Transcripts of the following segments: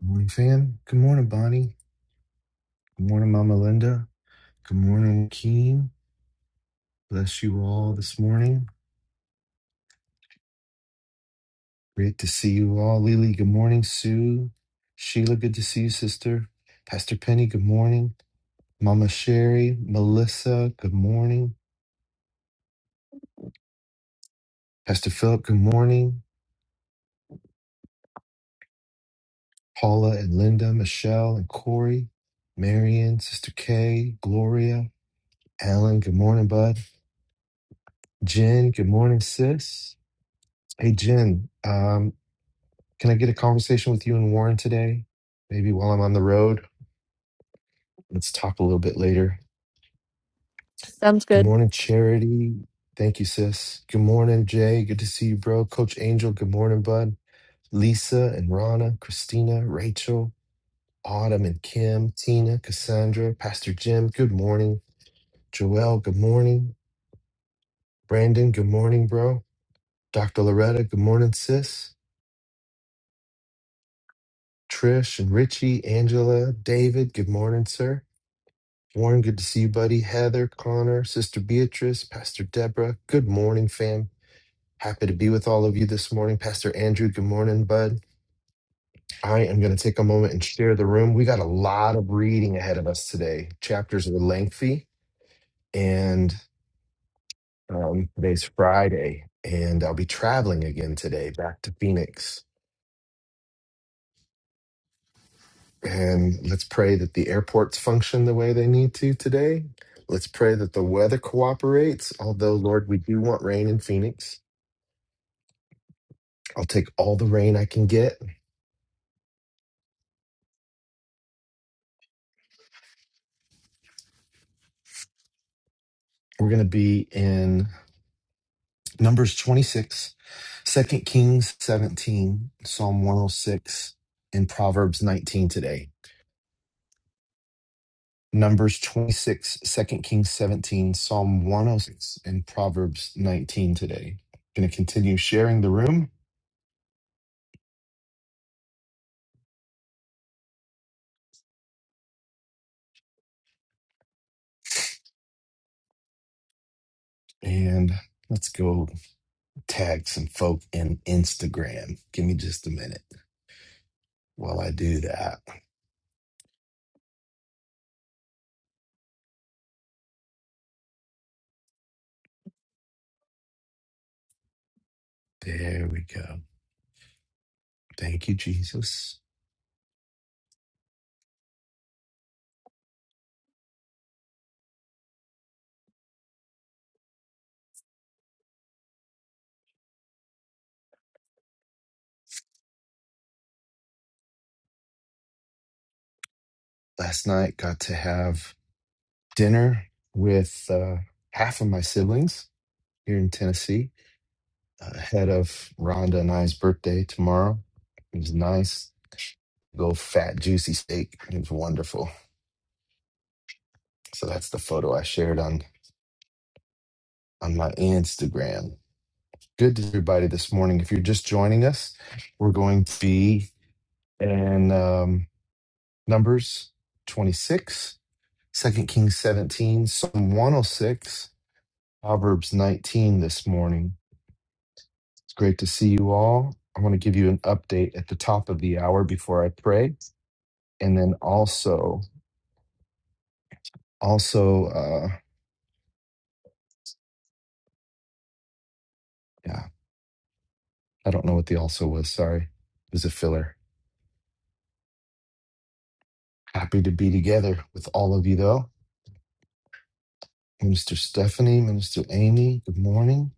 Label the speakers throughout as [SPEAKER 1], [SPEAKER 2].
[SPEAKER 1] Morning, fam. Good morning, Bonnie. Good morning, Mama Linda. Good morning, Keen. Bless you all this morning. Great to see you all. Lily, good morning. Sue, Sheila, good to see you, sister. Pastor Penny, good morning. Mama Sherry, Melissa, good morning. Pastor Philip, good morning. Paula and Linda, Michelle and Corey, Marion, Sister Kay, Gloria, Alan, good morning, bud. Jen, good morning, sis. Hey, Jen. Um, Can I get a conversation with you and Warren today? Maybe while I'm on the road. Let's talk a little bit later.
[SPEAKER 2] Sounds
[SPEAKER 1] Good
[SPEAKER 2] good.
[SPEAKER 1] morning, Charity. Thank you, sis. Good morning, Jay. Good to see you, bro. Coach Angel, good morning, bud. Lisa and Rana, Christina, Rachel, Autumn and Kim, Tina, Cassandra, Pastor Jim, good morning. Joel, good morning. Brandon, good morning, bro. Dr. Loretta, good morning, sis. Trish and Richie, Angela, David, good morning, sir. Warren, good to see you, buddy. Heather, Connor, Sister Beatrice, Pastor Deborah. Good morning, fam. Happy to be with all of you this morning. Pastor Andrew, good morning, bud. I am going to take a moment and share the room. We got a lot of reading ahead of us today. Chapters are lengthy, and um, today's Friday, and I'll be traveling again today back to Phoenix. And let's pray that the airports function the way they need to today. Let's pray that the weather cooperates, although, Lord, we do want rain in Phoenix. I'll take all the rain I can get. We're going to be in Numbers 26, Second Kings 17, Psalm 106, and Proverbs 19 today. Numbers 26, Second Kings 17, Psalm 106, and Proverbs 19 today. Going to continue sharing the room and let's go tag some folk in Instagram. Give me just a minute while I do that. There we go. Thank you, Jesus last night got to have dinner with uh, half of my siblings here in Tennessee uh, ahead of Rhonda and I's birthday tomorrow. It was nice. Go fat, juicy steak. It was wonderful. So that's the photo I shared on on my Instagram. Good to everybody this morning. If you're just joining us, we're going to be in um, Numbers 26, Second Kings 17, Psalm 106, Proverbs 19 this morning. It's great to see you all. I want to give you an update at the top of the hour before I pray, and then also, also, uh, yeah, I don't know what the also was. Sorry, it was a filler. Happy to be together with all of you, though. Minister Stephanie, Minister Amy, good morning.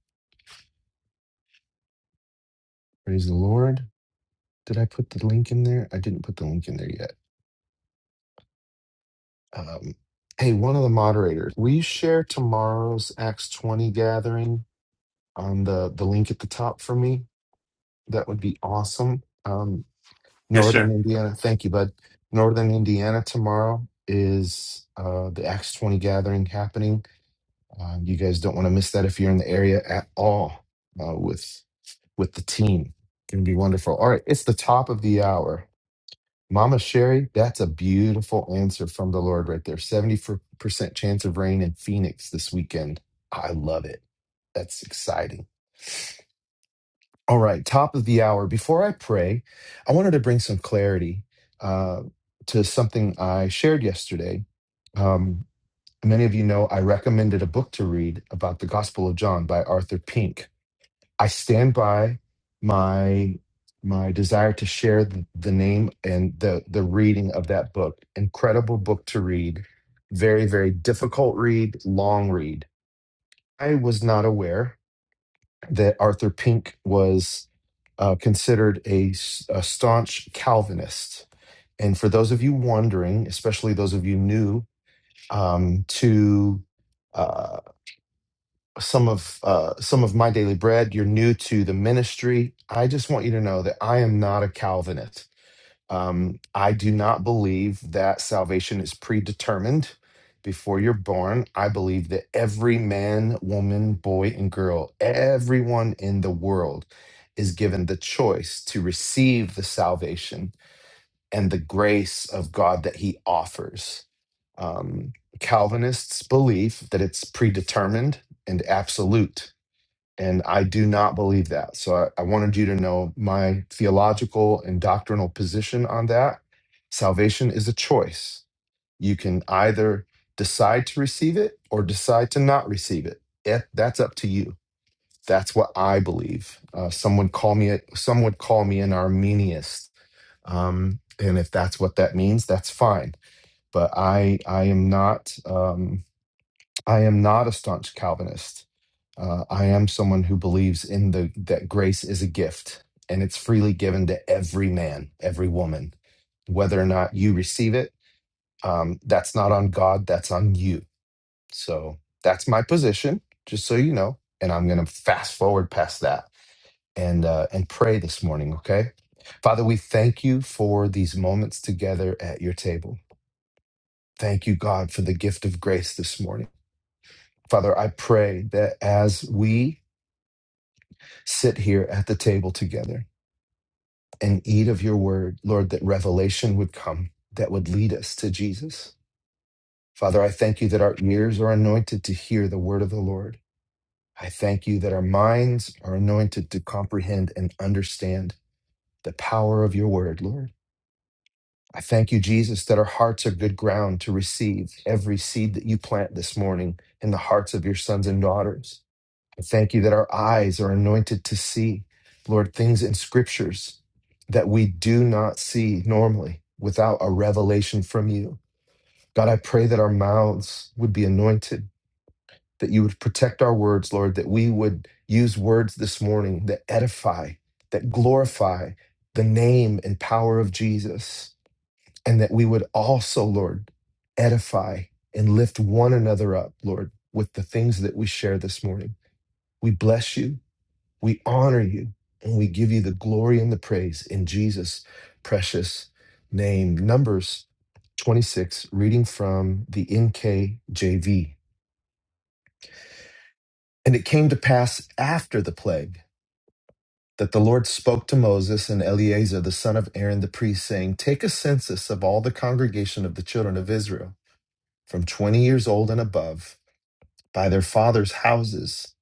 [SPEAKER 1] Praise the Lord. Did I put the link in there? I didn't put the link in there yet. Um, hey, one of the moderators, will you share tomorrow's Acts twenty gathering on the the link at the top for me? That would be awesome. Um,
[SPEAKER 3] Yes, sir.
[SPEAKER 1] Northern Indiana. Thank you, bud. Northern Indiana tomorrow is uh, the Acts 20 gathering happening. Uh, you guys don't want to miss that if you're in the area at all uh, with with the team. Going to be wonderful. All right, it's the top of the hour. Mama Sherry, that's a beautiful answer from the Lord right there. 74% chance of rain in Phoenix this weekend. I love it. That's exciting. All right, top of the hour. Before I pray, I wanted to bring some clarity uh, to something I shared yesterday. Um, many of you know I recommended a book to read about the Gospel of John by Arthur Pink. I stand by my my desire to share the, the name and the the reading of that book. Incredible book to read, very very difficult read, long read. I was not aware that Arthur Pink was uh, considered a a staunch Calvinist. And for those of you wondering, especially those of you new um, to uh, some of uh, some of my daily bread, you're new to the ministry. I just want you to know that I am not a Calvinist. Um, I do not believe that salvation is predetermined before you're born. I believe that every man, woman, boy, and girl, everyone in the world is given the choice to receive the salvation and the grace of God that he offers. Um, Calvinists believe that it's predetermined and absolute and I do not believe that. So I, I wanted you to know my theological and doctrinal position on that. Salvation is a choice. You can either decide to receive it or decide to not receive it. If That's up to you. That's what I believe. Uh, someone call me. A, some would call me an Arminianist. um, and if that's what that means, that's fine. But I, I am not. Um, I am not a staunch Calvinist. Uh, I am someone who believes in the that grace is a gift and it's freely given to every man, every woman, whether or not you receive it. Um, that's not on God. That's on you. So that's my position, just so you know. And I'm going to fast forward past that and uh, and pray this morning. Okay, Father, we thank you for these moments together at your table. Thank you, God, for the gift of grace this morning. Father, I pray that as we sit here at the table together and eat of your word, Lord, that revelation would come that would lead us to Jesus. Father, I thank you that our ears are anointed to hear the word of the Lord. I thank you that our minds are anointed to comprehend and understand the power of your word, Lord. I thank you, Jesus, that our hearts are good ground to receive every seed that you plant this morning in the hearts of your sons and daughters. I thank you that our eyes are anointed to see, Lord, things in scriptures that we do not see normally without a revelation from you. God, I pray that our mouths would be anointed, that you would protect our words, Lord, that we would use words this morning that edify, that glorify the name and power of Jesus, and that we would also, Lord, edify and lift one another up, Lord, with the things that we share this morning. We bless you. We honor you and we give you the glory and the praise in Jesus' precious name. Numbers 26, reading from the NKJV. And it came to pass after the plague that the Lord spoke to Moses and Eleazar, the son of Aaron the priest, saying, Take a census of all the congregation of the children of Israel, from 20 years old and above, by their fathers' houses,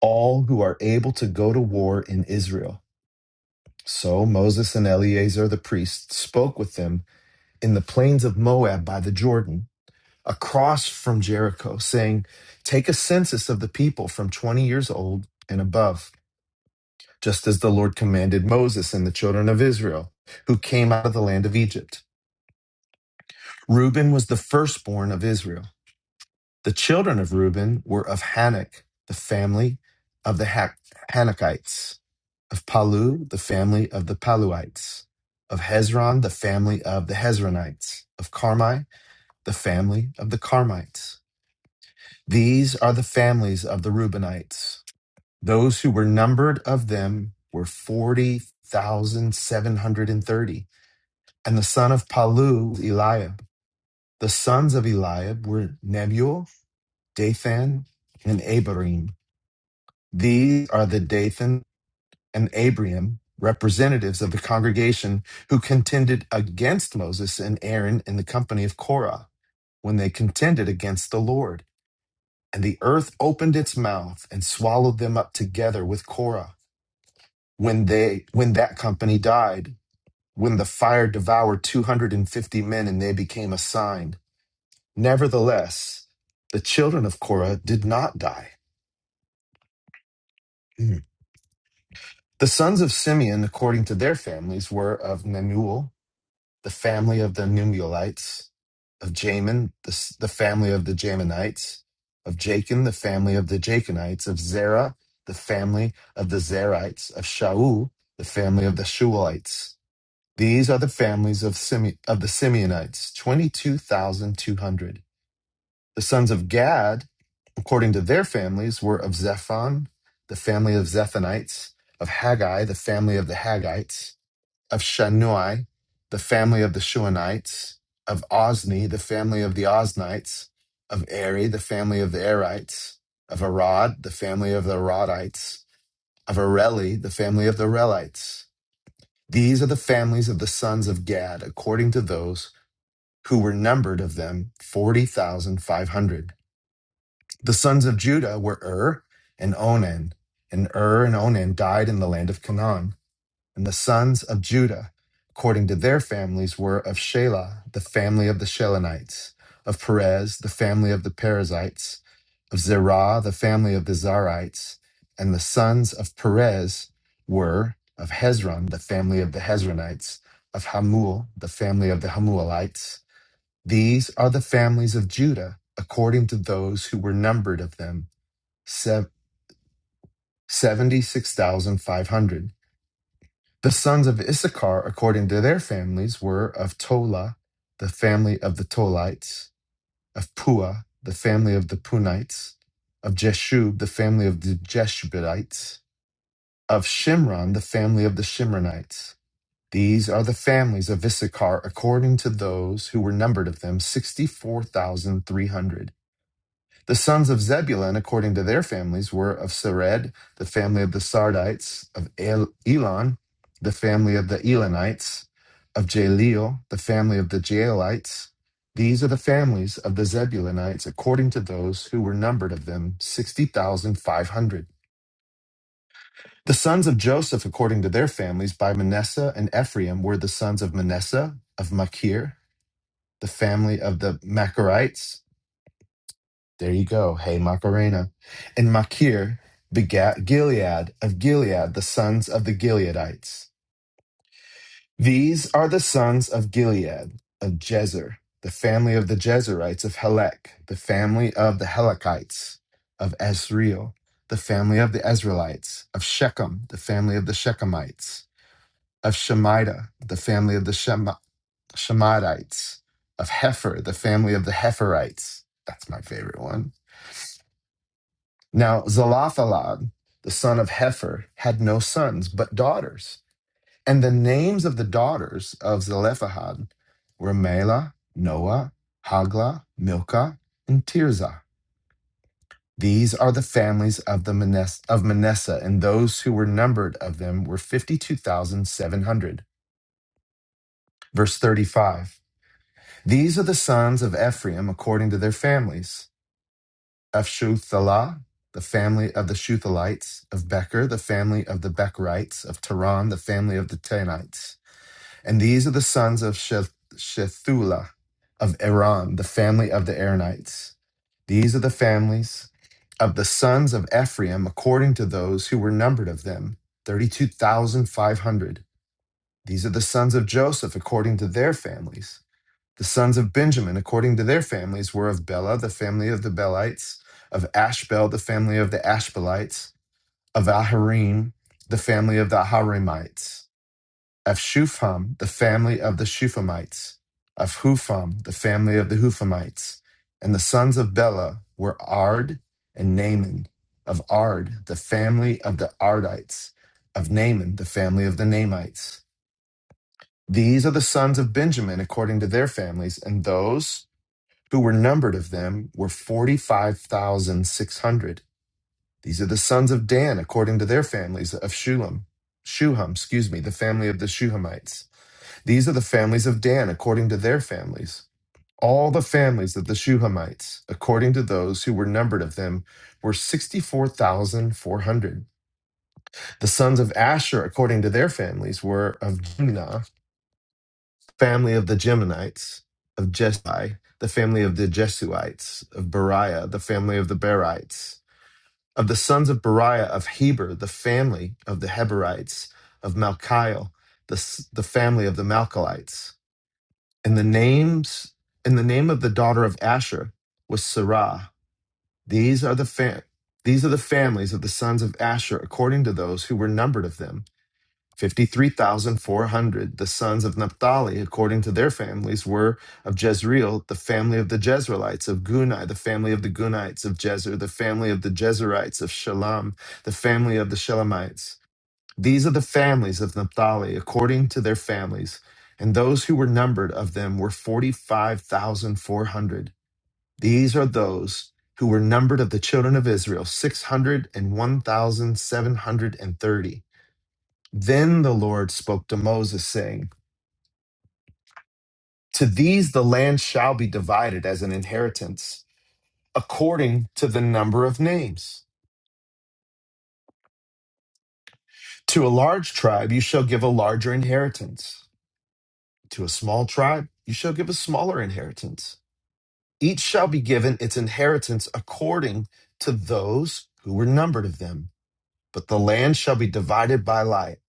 [SPEAKER 1] all who are able to go to war in Israel So Moses and Eleazar the priest spoke with them in the plains of Moab by the Jordan, across from Jericho, saying, Take a census of the people from 20 years old and above, just as the Lord commanded Moses and the children of Israel, who came out of the land of Egypt. Reuben was the firstborn of Israel. The children of Reuben were of Hanok, the family of the ha- Hanokites. of Palu, the family of the Paluites, of Hezron, the family of the Hezronites, of Carmi, the family of the Carmites. These are the families of the Reubenites. Those who were numbered of them were 40,730. And the son of Palu, Eliab. The sons of Eliab were Nebuel, Dathan, and Abiram. These are the Dathan and Abiram, representatives of the congregation who contended against Moses and Aaron in the company of Korah, when they contended against the Lord. And the earth opened its mouth and swallowed them up together with Korah. When they when that company died, when the fire devoured two hundred and fifty men, and they became a sign. Nevertheless, the children of Korah did not die. Mm. The sons of Simeon, according to their families, were of Nemuel, the family of the Numulites, of Jamin, the, s- the family of the Jaminites, of Jachin, the family of the Jachinites, of Zerah, the family of the Zerites, of Shaul, the family of the Shualites. These are the families of, Sime- of the Simeonites, 22,200. The sons of Gad, according to their families, were of Zephon, the family of Zephonites, of Haggai, the family of the Haggites, of Shanuai, the family of the Shuanites, of Ozni, the family of the Oznites, of Eri, the family of the Erites, of Arad, the family of the Aradites, of Areli, the family of the Relites. These are the families of the sons of Gad, according to those who were numbered of them, 40,500. The sons of Judah were Ur and Onan, and Ur and Onan died in the land of Canaan. And the sons of Judah, according to their families, were of Shelah, the family of the Shelonites, of Perez, the family of the Perizzites, of Zerah, the family of the Zarites. And the sons of Perez were of Hezron, the family of the Hezronites, of Hamul, the family of the Hamulites. These are the families of Judah, according to those who were numbered of them, sev- 76,500. The sons of Issachar, according to their families, were of Tola, the family of the Tolites, of Pua, the family of the Punites, of Jeshub, the family of the Jeshubites, of Shimron, the family of the Shimronites. These are the families of Issachar according to those who were numbered of them, 64,300. The sons of Zebulun, according to their families, were of Sered, the family of the Sardites, of Elon, the family of the Elonites, of Jaeleel, the family of the Jaelites. These are the families of the Zebulunites, according to those who were numbered of them, 60,500. The sons of Joseph, according to their families, by Manasseh and Ephraim, were the sons of Manasseh, of Machir, the family of the Machirites, There you go. Hey, Macarena. And Machir begat Gilead of Gilead, the sons of the Gileadites. These are the sons of Gilead, of Jezer, the family of the Jezerites, of Helek, the family of the Helekites, of Ezreel, the family of the Ezraelites, of Shechem, the family of the Shechemites, of Shemida, the family of the Shema- Shemaites, of Hefer, the family of the Heferites. That's my favorite one Now Zalphalad, the son of Hefer, had no sons, but daughters. And the names of the daughters of Zelephahad were Mela, Noah, Hagla, Milcah, and Tirzah. These are the families of the Manes- of Manasseh, and those who were numbered of them were fifty-two thousand seven hundred. Verse thirty-five. These are the sons of Ephraim according to their families. of Shu'thalah, the family of the Shuthalites, of Becher, the family of the Becherites, of Taran, the family of the Tanites. And these are the sons of Sheth- Shethulah, of Iran, the family of the Aaronites. These are the families of the sons of Ephraim, according to those who were numbered of them, 32,500. These are the sons of Joseph, according to their families. The sons of Benjamin, according to their families, were of Bela, the family of the Belites, of Ashbel, the family of the Ashbelites, of Aharim, the family of the Aharimites, of Shufam, the family of the Shufamites, of Hufam, the family of the Hufamites. And the sons of Bela were Ard and Naaman, of Ard, the family of the Ardites, of Naaman, the family of the Naamites. These are the sons of Benjamin according to their families, and those who were numbered of them were 45,600. These are the sons of Dan, according to their families of Shulam. Shuham, excuse me, the family of the Shuhamites. These are the families of Dan, according to their families. All the families of the Shuhamites, according to those who were numbered of them, were 64,400. The sons of Asher, according to their families, were of Jimnah. family of the Geminites, of Jeshai, the family of the Jesuites, of Beriah, the family of the Berites, of the sons of Beriah, of Heber, the family of the Heberites, of Malchiel, the, the family of the Malchelites. And the names, and the name of the daughter of Asher was Sarah. These are the fam- these are the families of the sons of Asher according to those who were numbered of them. 53,400, the sons of Naphtali, according to their families, were of Jezreel, the family of the Jezreelites, of Guni, the family of the Gunites, of Jezer, the family of the Jezerites, of Shalom, the family of the Shalamites. These are the families of Naphtali, according to their families. And those who were numbered of them were 45,400. These are those who were numbered of the children of Israel, 601,730. Then the Lord spoke to Moses, saying, To these the land shall be divided as an inheritance, according to the number of names. To a large tribe you shall give a larger inheritance. To a small tribe you shall give a smaller inheritance. Each shall be given its inheritance according to those who were numbered of them. but the land shall be divided by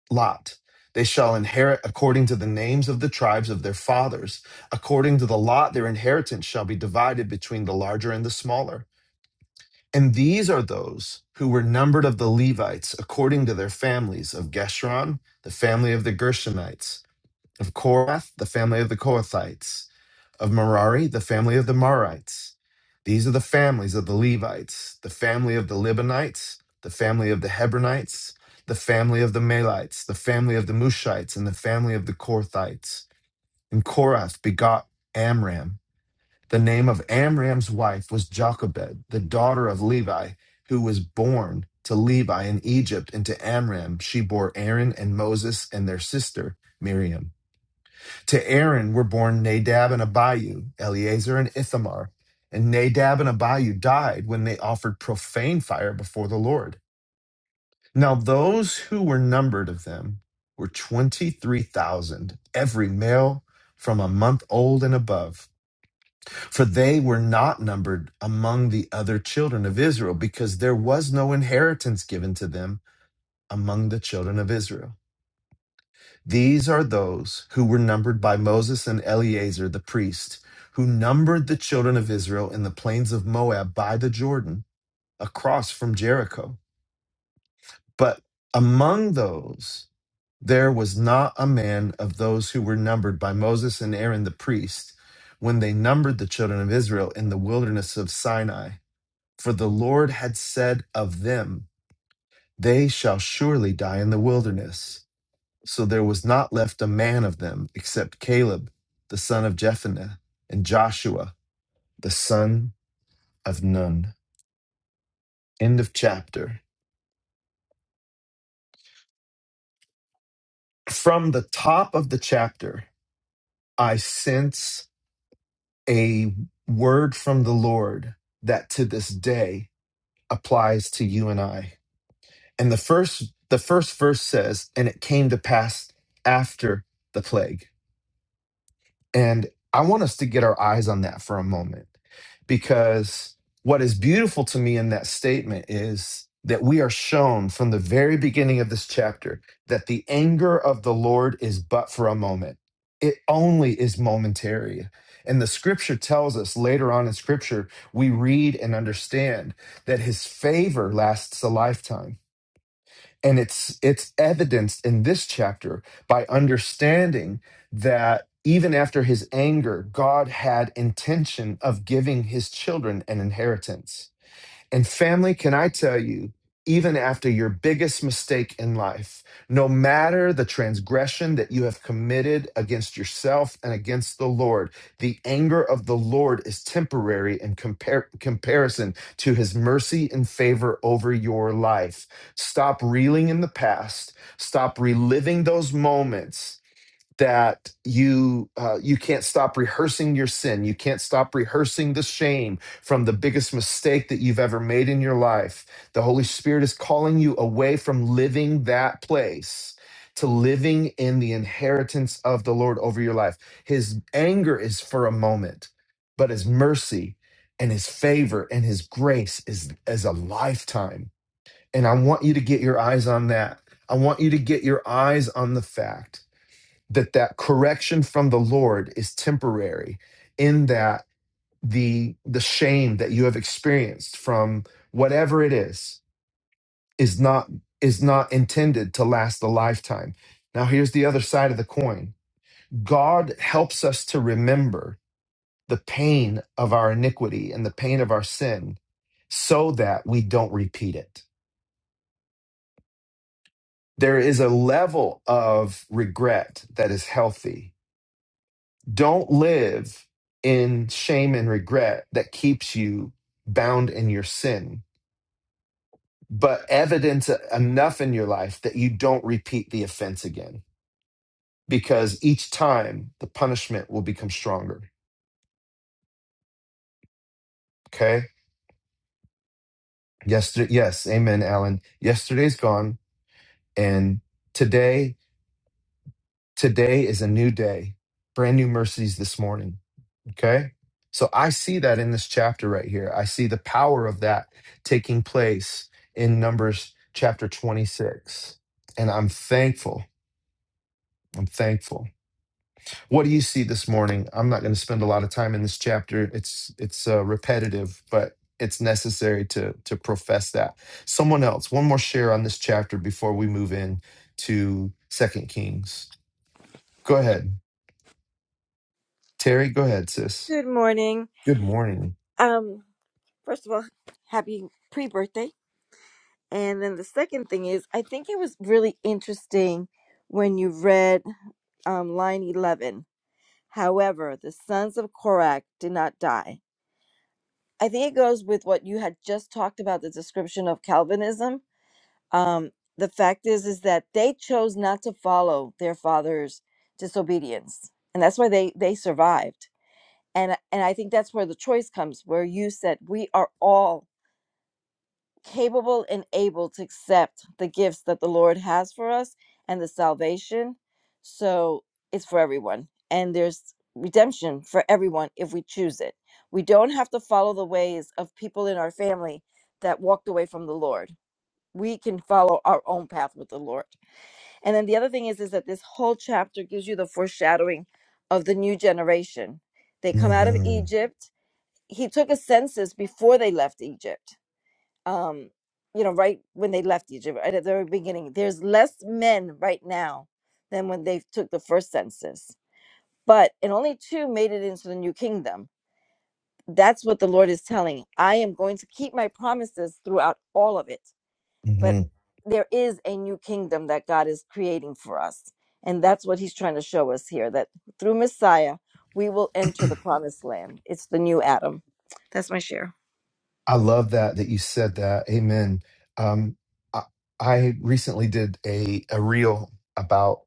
[SPEAKER 1] lot. They shall inherit according to the names of the tribes of their fathers. According to the lot, their inheritance shall be divided between the larger and the smaller. And these are those who were numbered of the Levites according to their families of Geshron, the family of the Gershonites, of Korath, the family of the Kohathites, of Merari, the family of the Marites. These are the families of the Levites, the family of the Libanites, the family of the Hebronites, the family of the Malites, the family of the Mushites, and the family of the Korthites. And Korath begot Amram. The name of Amram's wife was Jochebed, the daughter of Levi, who was born to Levi in Egypt, and to Amram she bore Aaron and Moses and their sister Miriam. To Aaron were born Nadab and Abihu, Eleazar and Ithamar. And Nadab and Abihu died when they offered profane fire before the Lord. Now those who were numbered of them were 23,000, every male from a month old and above. For they were not numbered among the other children of Israel, because there was no inheritance given to them among the children of Israel. These are those who were numbered by Moses and Eleazar the priest, who numbered the children of Israel in the plains of Moab by the Jordan, across from Jericho. But among those, there was not a man of those who were numbered by Moses and Aaron the priest when they numbered the children of Israel in the wilderness of Sinai. For the Lord had said of them, They shall surely die in the wilderness. So there was not left a man of them except Caleb, the son of Jephunneh, and Joshua, the son of Nun. End of chapter. From the top of the chapter, I sense a word from the Lord that to this day applies to you and I. And the first the first verse says, and it came to pass after the plague. And I want us to get our eyes on that for a moment because what is beautiful to me in that statement is that we are shown from the very beginning of this chapter that the anger of the Lord is but for a moment. It only is momentary. And the scripture tells us later on in scripture, we read and understand that his favor lasts a lifetime and it's it's evidenced in this chapter by understanding that even after his anger god had intention of giving his children an inheritance and family, can I tell you, even after your biggest mistake in life, no matter the transgression that you have committed against yourself and against the Lord, the anger of the Lord is temporary in compar- comparison to his mercy and favor over your life. Stop reeling in the past. Stop reliving those moments that you uh, you can't stop rehearsing your sin you can't stop rehearsing the shame from the biggest mistake that you've ever made in your life the holy spirit is calling you away from living that place to living in the inheritance of the lord over your life his anger is for a moment but his mercy and his favor and his grace is as a lifetime and i want you to get your eyes on that i want you to get your eyes on the fact that that correction from the lord is temporary in that the the shame that you have experienced from whatever it is is not is not intended to last a lifetime now here's the other side of the coin god helps us to remember the pain of our iniquity and the pain of our sin so that we don't repeat it there is a level of regret that is healthy Don't live in shame and regret that keeps you bound in your sin, but evidence enough in your life that you don't repeat the offense again because each time the punishment will become stronger. Okay. Yesterday, yes. Amen, Alan. Yesterday's gone. And today, today is a new day. Brand new mercies this morning Okay. So I see that in this chapter right here. I see the power of that taking place in Numbers chapter 26. And I'm thankful. I'm thankful. What do you see this morning? I'm not going to spend a lot of time in this chapter. It's it's uh, repetitive, but it's necessary to to profess that. Someone else, one more share on this chapter before we move in to Second Kings. Go ahead, Terry. Go ahead, sis.
[SPEAKER 4] Good morning.
[SPEAKER 1] Good morning.
[SPEAKER 4] Um, first of all, happy pre-birthday. And then the second thing is, I think it was really interesting when you read um, line 11. However, the sons of Korak did not die. I think it goes with what you had just talked about, the description of Calvinism. Um, the fact is, is that they chose not to follow their father's disobedience. And that's why they, they survived. And, and I think that's where the choice comes, where you said, we are all capable and able to accept the gifts that the Lord has for us and the salvation. So it's for everyone. And there's redemption for everyone if we choose it. We don't have to follow the ways of people in our family that walked away from the Lord. We can follow our own path with the Lord. And then the other thing is is that this whole chapter gives you the foreshadowing of the new generation. They come out of
[SPEAKER 1] hmm
[SPEAKER 4] Egypt. He took a census before they left Egypt um, you know, right when they left Egypt, right at the very beginning, there's less men right now than when they took the first census. But and only two made it into the new kingdom. That's what the Lord is telling. I am going to keep my promises throughout all of it. But there is a new kingdom that God is creating for us. And that's what he's trying to show us here that through Messiah, we will enter the promised land. It's the new Adam. That's my share.
[SPEAKER 1] I love that that you said that. Amen. Um, I, I recently did a a reel about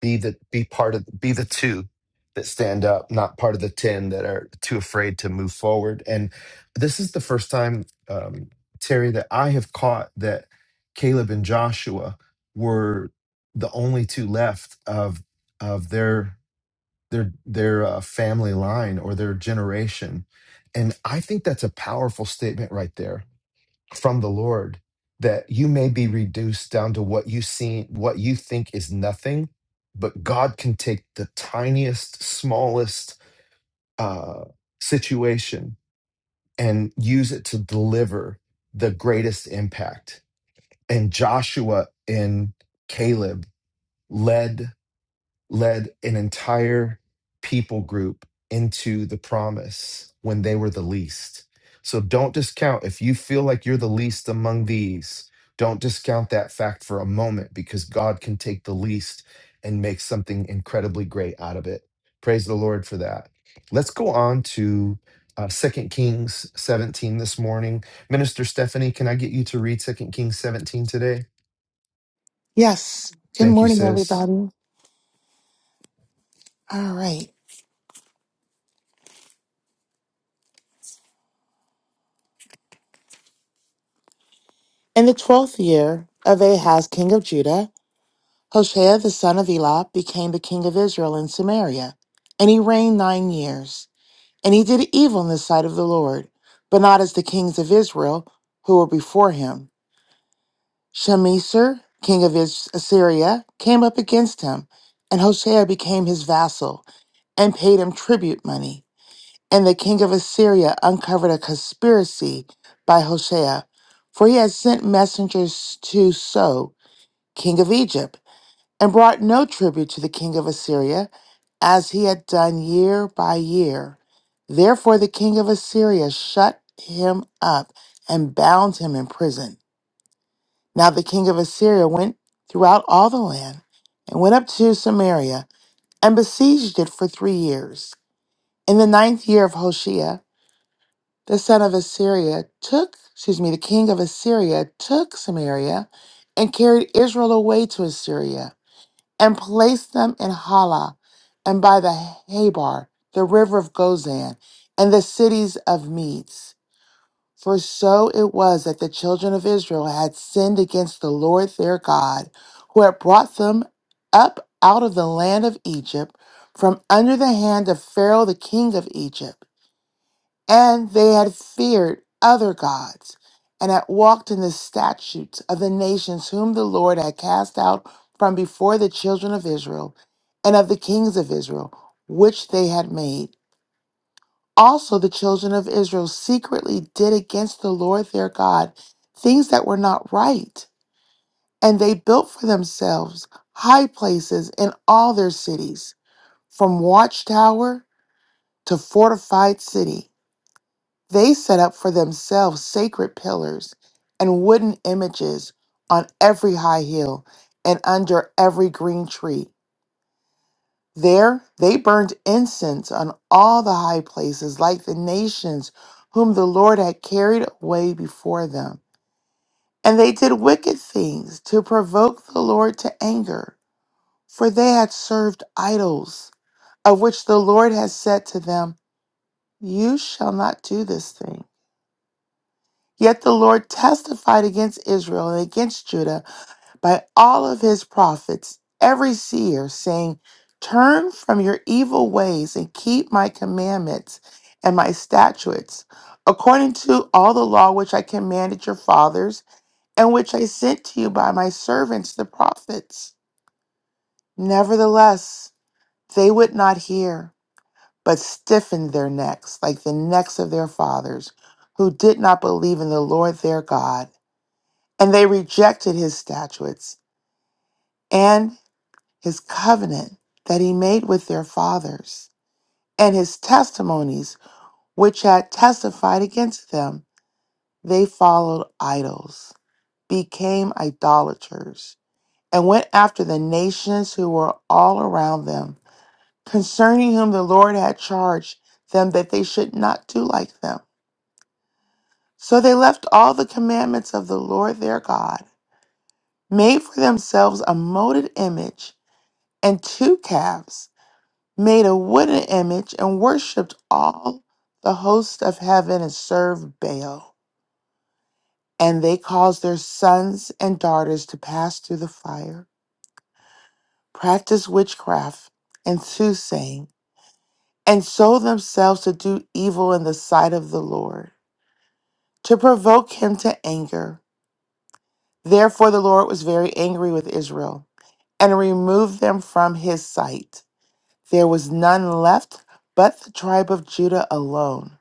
[SPEAKER 1] be the be part of be the two that stand up, not part of the ten that are too afraid to move forward. And this is the first time, um, Terry, that I have caught that Caleb and Joshua were the only two left of of their their their uh, family line or their generation and i think that's a powerful statement right there from the lord that you may be reduced down to what you see what you think is nothing but god can take the tiniest smallest uh, situation and use it to deliver the greatest impact and joshua and caleb led led an entire people group into the promise when they were the least. So don't discount if you feel like you're the least among these, don't discount that fact for a moment because God can take the least and make something incredibly great out of it. Praise the Lord for that. Let's go on to uh, 2 Kings 17 this morning. Minister Stephanie, can I get you to read Second Kings 17 today?
[SPEAKER 5] Yes. Good
[SPEAKER 1] Thank you,
[SPEAKER 5] morning,
[SPEAKER 1] sis.
[SPEAKER 5] everybody. All right. In the twelfth year of Ahaz, king of Judah, Hoshea the son of Elah became the king of Israel in Samaria, and he reigned nine years. And he did evil in the sight of the Lord, but not as the kings of Israel who were before him. Shemeser, king of Is- Assyria, came up against him, and Hoshea became his vassal and paid him tribute money. And the king of Assyria uncovered a conspiracy by Hoshea, for he had sent messengers to So, king of Egypt, and brought no tribute to the king of Assyria, as he had done year by year. Therefore the king of Assyria shut him up and bound him in prison. Now the king of Assyria went throughout all the land and went up to Samaria and besieged it for three years. In the ninth year of Hoshea, the son of Assyria took, excuse me, the king of Assyria took Samaria and carried Israel away to Assyria and placed them in Halah and by the Habar, the river of Gozan, and the cities of Medes. For so it was that the children of Israel had sinned against the Lord their God, who had brought them up out of the land of Egypt from under the hand of Pharaoh, the king of Egypt and they had feared other gods, and had walked in the statutes of the nations whom the Lord had cast out from before the children of Israel, and of the kings of Israel, which they had made. Also, the children of Israel secretly did against the Lord their God things that were not right, and they built for themselves high places in all their cities, from watchtower to fortified city. They set up for themselves sacred pillars and wooden images on every high hill and under every green tree. There they burned incense on all the high places, like the nations whom the Lord had carried away before them. And they did wicked things to provoke the Lord to anger, for they had served idols, of which the Lord had said to them, You shall not do this thing. Yet the Lord testified against Israel and against Judah by all of his prophets, every seer, saying, Turn from your evil ways and keep my commandments and my statutes, according to all the law which I commanded your fathers, and which I sent to you by my servants the prophets. Nevertheless, they would not hear, but stiffened their necks like the necks of their fathers, who did not believe in the Lord their God And they rejected his statutes and his covenant that he made with their fathers, and his testimonies, which had testified against them. They followed idols, became idolaters, and went after the nations who were all around them, concerning whom the Lord had charged them that they should not do like them. So they left all the commandments of the Lord their God, made for themselves a molded image and two calves, made a wooden image, and worshipped all the host of heaven and served Baal. And they caused their sons and daughters to pass through the fire, practice witchcraft and soothsaying, and sold themselves to do evil in the sight of the Lord, to provoke him to anger. Therefore the Lord was very angry with Israel, and removed them from his sight. There was none left but the tribe of Judah alone.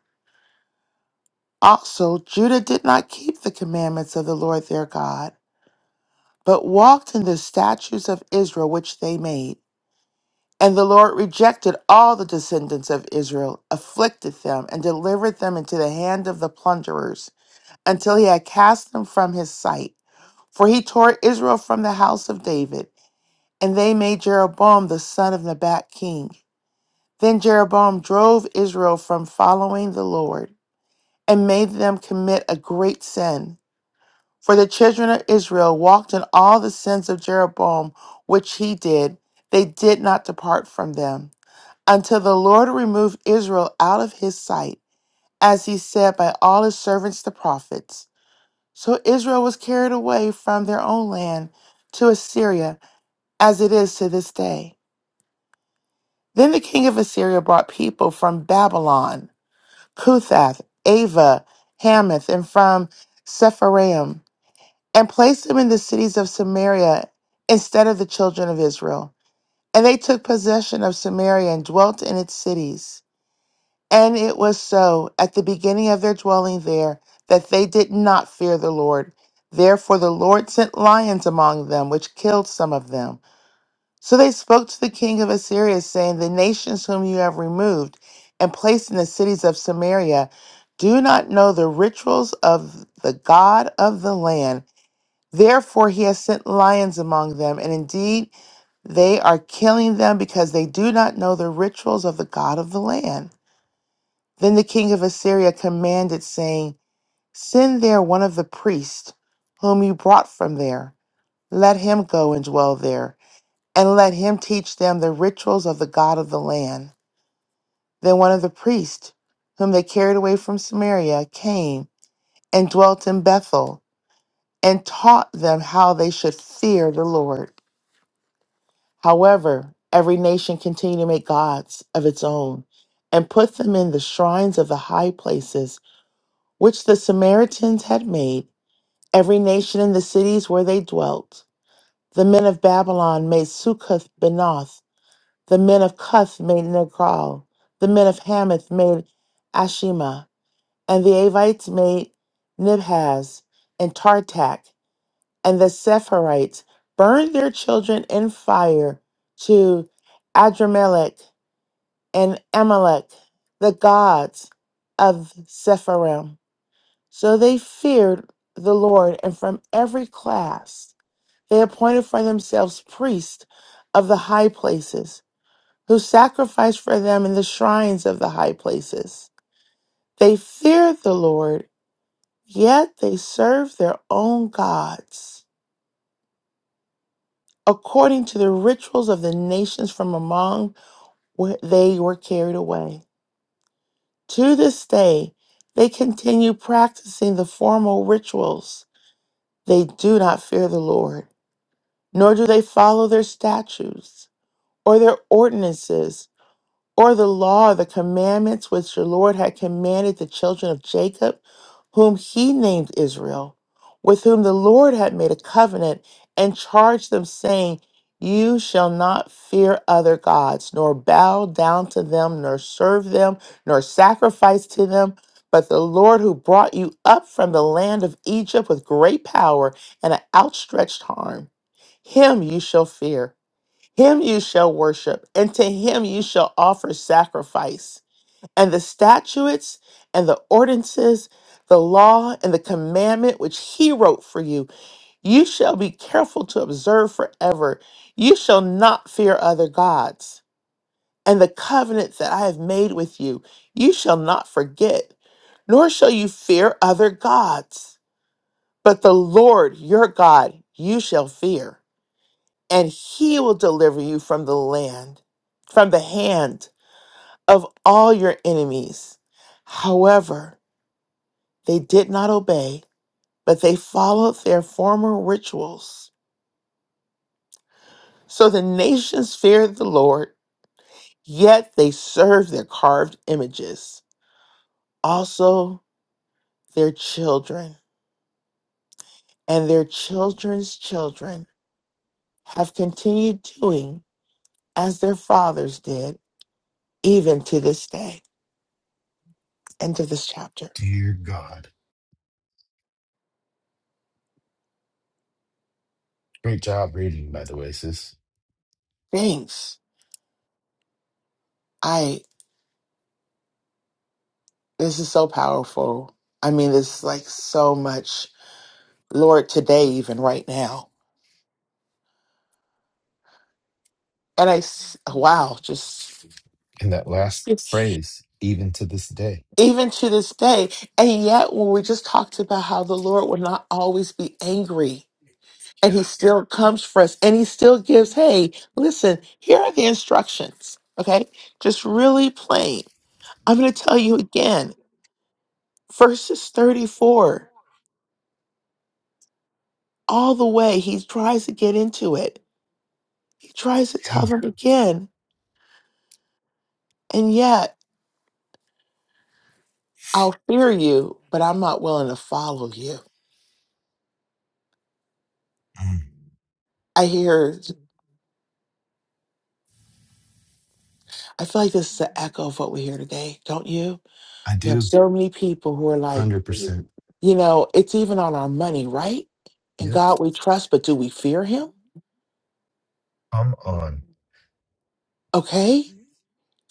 [SPEAKER 5] Also, Judah did not keep the commandments of the Lord their God, but walked in the statutes of Israel which they made. And the Lord rejected all the descendants of Israel, afflicted them, and delivered them into the hand of the plunderers, until he had cast them from his sight. For he tore Israel from the house of David, and they made Jeroboam the son of Nebat king. Then Jeroboam drove Israel from following the Lord, and made them commit a great sin. For the children of Israel walked in all the sins of Jeroboam, which he did. They did not depart from them, until the Lord removed Israel out of his sight, as he said by all his servants the prophets. So Israel was carried away from their own land to Assyria, as it is to this day. Then the king of Assyria brought people from Babylon, Cuthath, Ava, Hamath, and from Sepharvaim and placed them in the cities of Samaria instead of the children of Israel. And they took possession of Samaria and dwelt in its cities. And it was so at the beginning of their dwelling there that they did not fear the Lord. Therefore the Lord sent lions among them, which killed some of them. So they spoke to the king of Assyria, saying, The nations whom you have removed and placed in the cities of Samaria do not know the rituals of the God of the land Therefore, he has sent lions among them, and indeed, they are killing them because they do not know the rituals of the God of the land. Then the king of Assyria commanded, saying, Send there one of the priests whom you brought from there. Let him go and dwell there, and let him teach them the rituals of the God of the land. Then one of the priests, whom they carried away from Samaria, came and dwelt in Bethel, and taught them how they should fear the Lord. However, every nation continued to make gods of its own and put them in the shrines of the high places which the Samaritans had made, every nation in the cities where they dwelt. The men of Babylon made Succoth Benoth, the men of Cuth made Negral, the men of Hamath made Ashima, and the Avites made Nibhaz and Tartak and the Sephirites burned their children in fire to Adramelech and Amalek, the gods of Sepharim. So they feared the Lord, and from every class they appointed for themselves priests of the high places, who sacrificed for them in the shrines of the high places. They feared the Lord, yet they served their own gods. according to the rituals of the nations from among where they were carried away. To this day, they continue practicing the formal rituals. They do not fear the Lord, nor do they follow their statutes or their ordinances or the law, or the commandments which the Lord had commanded the children of Jacob, whom he named Israel, with whom the Lord had made a covenant, and charged them, saying, You shall not fear other gods, nor bow down to them, nor serve them, nor sacrifice to them. But the Lord who brought you up from the land of Egypt with great power and an outstretched arm, him you shall fear him you shall worship, and to him you shall offer sacrifice. And the statutes and the ordinances, the law and the commandment which he wrote for you, you shall be careful to observe forever. You shall not fear other gods. And the covenant that I have made with you, you shall not forget, nor shall you fear other gods. But the Lord your God you shall fear and he will deliver you from the land, from the hand of all your enemies. However, they did not obey, but they followed their former rituals. So the nations feared the Lord, yet they served their carved images. Also, their children and their children's children have continued doing as their fathers did, even to this day. End of this chapter.
[SPEAKER 1] Dear God. Great job reading, by the way, sis.
[SPEAKER 5] Thanks. I. This is so powerful. I mean, it's like so much, Lord, today, even right now. And I, s- wow, just
[SPEAKER 1] In that last phrase, even to this day.
[SPEAKER 5] even to this day. And yet, when we just talked about how the Lord will not always be angry and he still comes for us and he still gives, hey, listen, here are the instructions. Okay. Just really plain. I'm going to tell you again, verses 34, all the way, he tries to get into it. He tries to tell
[SPEAKER 1] Yeah.
[SPEAKER 5] them again. And yet, I'll fear you, but I'm not willing to follow you.
[SPEAKER 1] Yeah. Mm,
[SPEAKER 5] I hear, I feel like this is an echo of what we hear today, don't you?
[SPEAKER 1] I
[SPEAKER 5] You have
[SPEAKER 1] do.
[SPEAKER 5] so many people who are like,
[SPEAKER 1] 100%.
[SPEAKER 5] you know, it's even on our money, right? And
[SPEAKER 1] Yep.
[SPEAKER 5] God we trust, but do we fear him?
[SPEAKER 1] Come on.
[SPEAKER 5] Okay.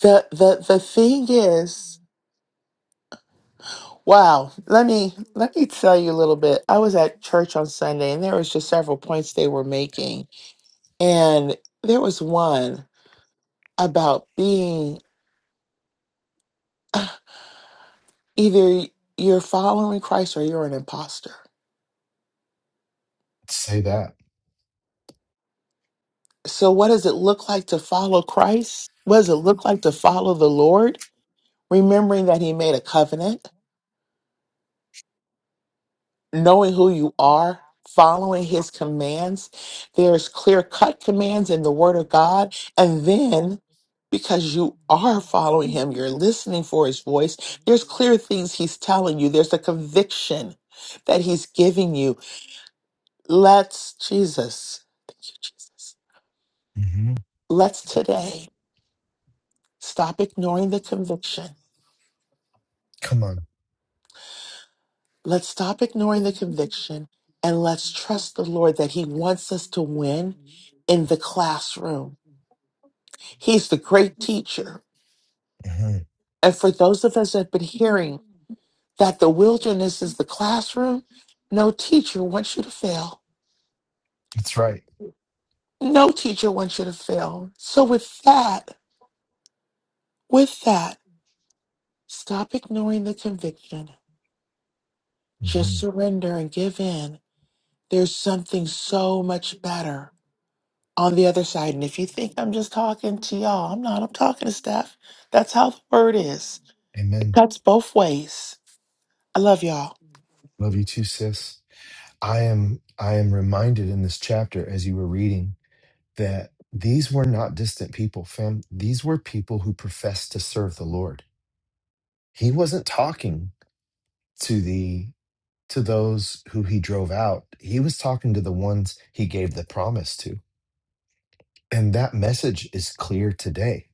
[SPEAKER 5] The the the thing is, wow, let me let me tell you a little bit. I was at church on Sunday and there was just several points they were making. And there was one about being Either you're following Christ or you're an imposter.
[SPEAKER 1] Say that.
[SPEAKER 5] So, what does it look like to follow Christ? What does it look like to follow the Lord? Remembering that He made a covenant, knowing who you are, following His commands. There's clear cut commands in the Word of God. And then, because you are following Him, you're listening for His voice, there's clear things He's telling you, there's a conviction that He's giving you. Let's, Jesus. Thank you, Jesus.
[SPEAKER 1] hmm
[SPEAKER 5] Let's today stop ignoring the conviction.
[SPEAKER 1] Come on.
[SPEAKER 5] Let's stop ignoring the conviction and let's trust the Lord that He wants us to win in the classroom. He's the great teacher.
[SPEAKER 1] hmm
[SPEAKER 5] And for those of us that have been hearing that the wilderness is the classroom, no teacher wants you to fail.
[SPEAKER 1] That's right.
[SPEAKER 5] No teacher wants you to fail. So, with that, with that, stop ignoring the conviction. Just
[SPEAKER 1] hmm
[SPEAKER 5] surrender and give in. There's something so much better on the other side. And if you think I'm just talking to y'all, I'm not. I'm talking to Steph. That's how the word is. It
[SPEAKER 1] Amen.
[SPEAKER 5] cuts both ways. I love y'all.
[SPEAKER 1] Love you too, sis. I am. I am reminded in this chapter as you were reading that these were not distant people, fam. These were people who professed to serve the Lord. He wasn't talking to the to those who he drove out he was talking to the ones he gave the promise to and that message is clear today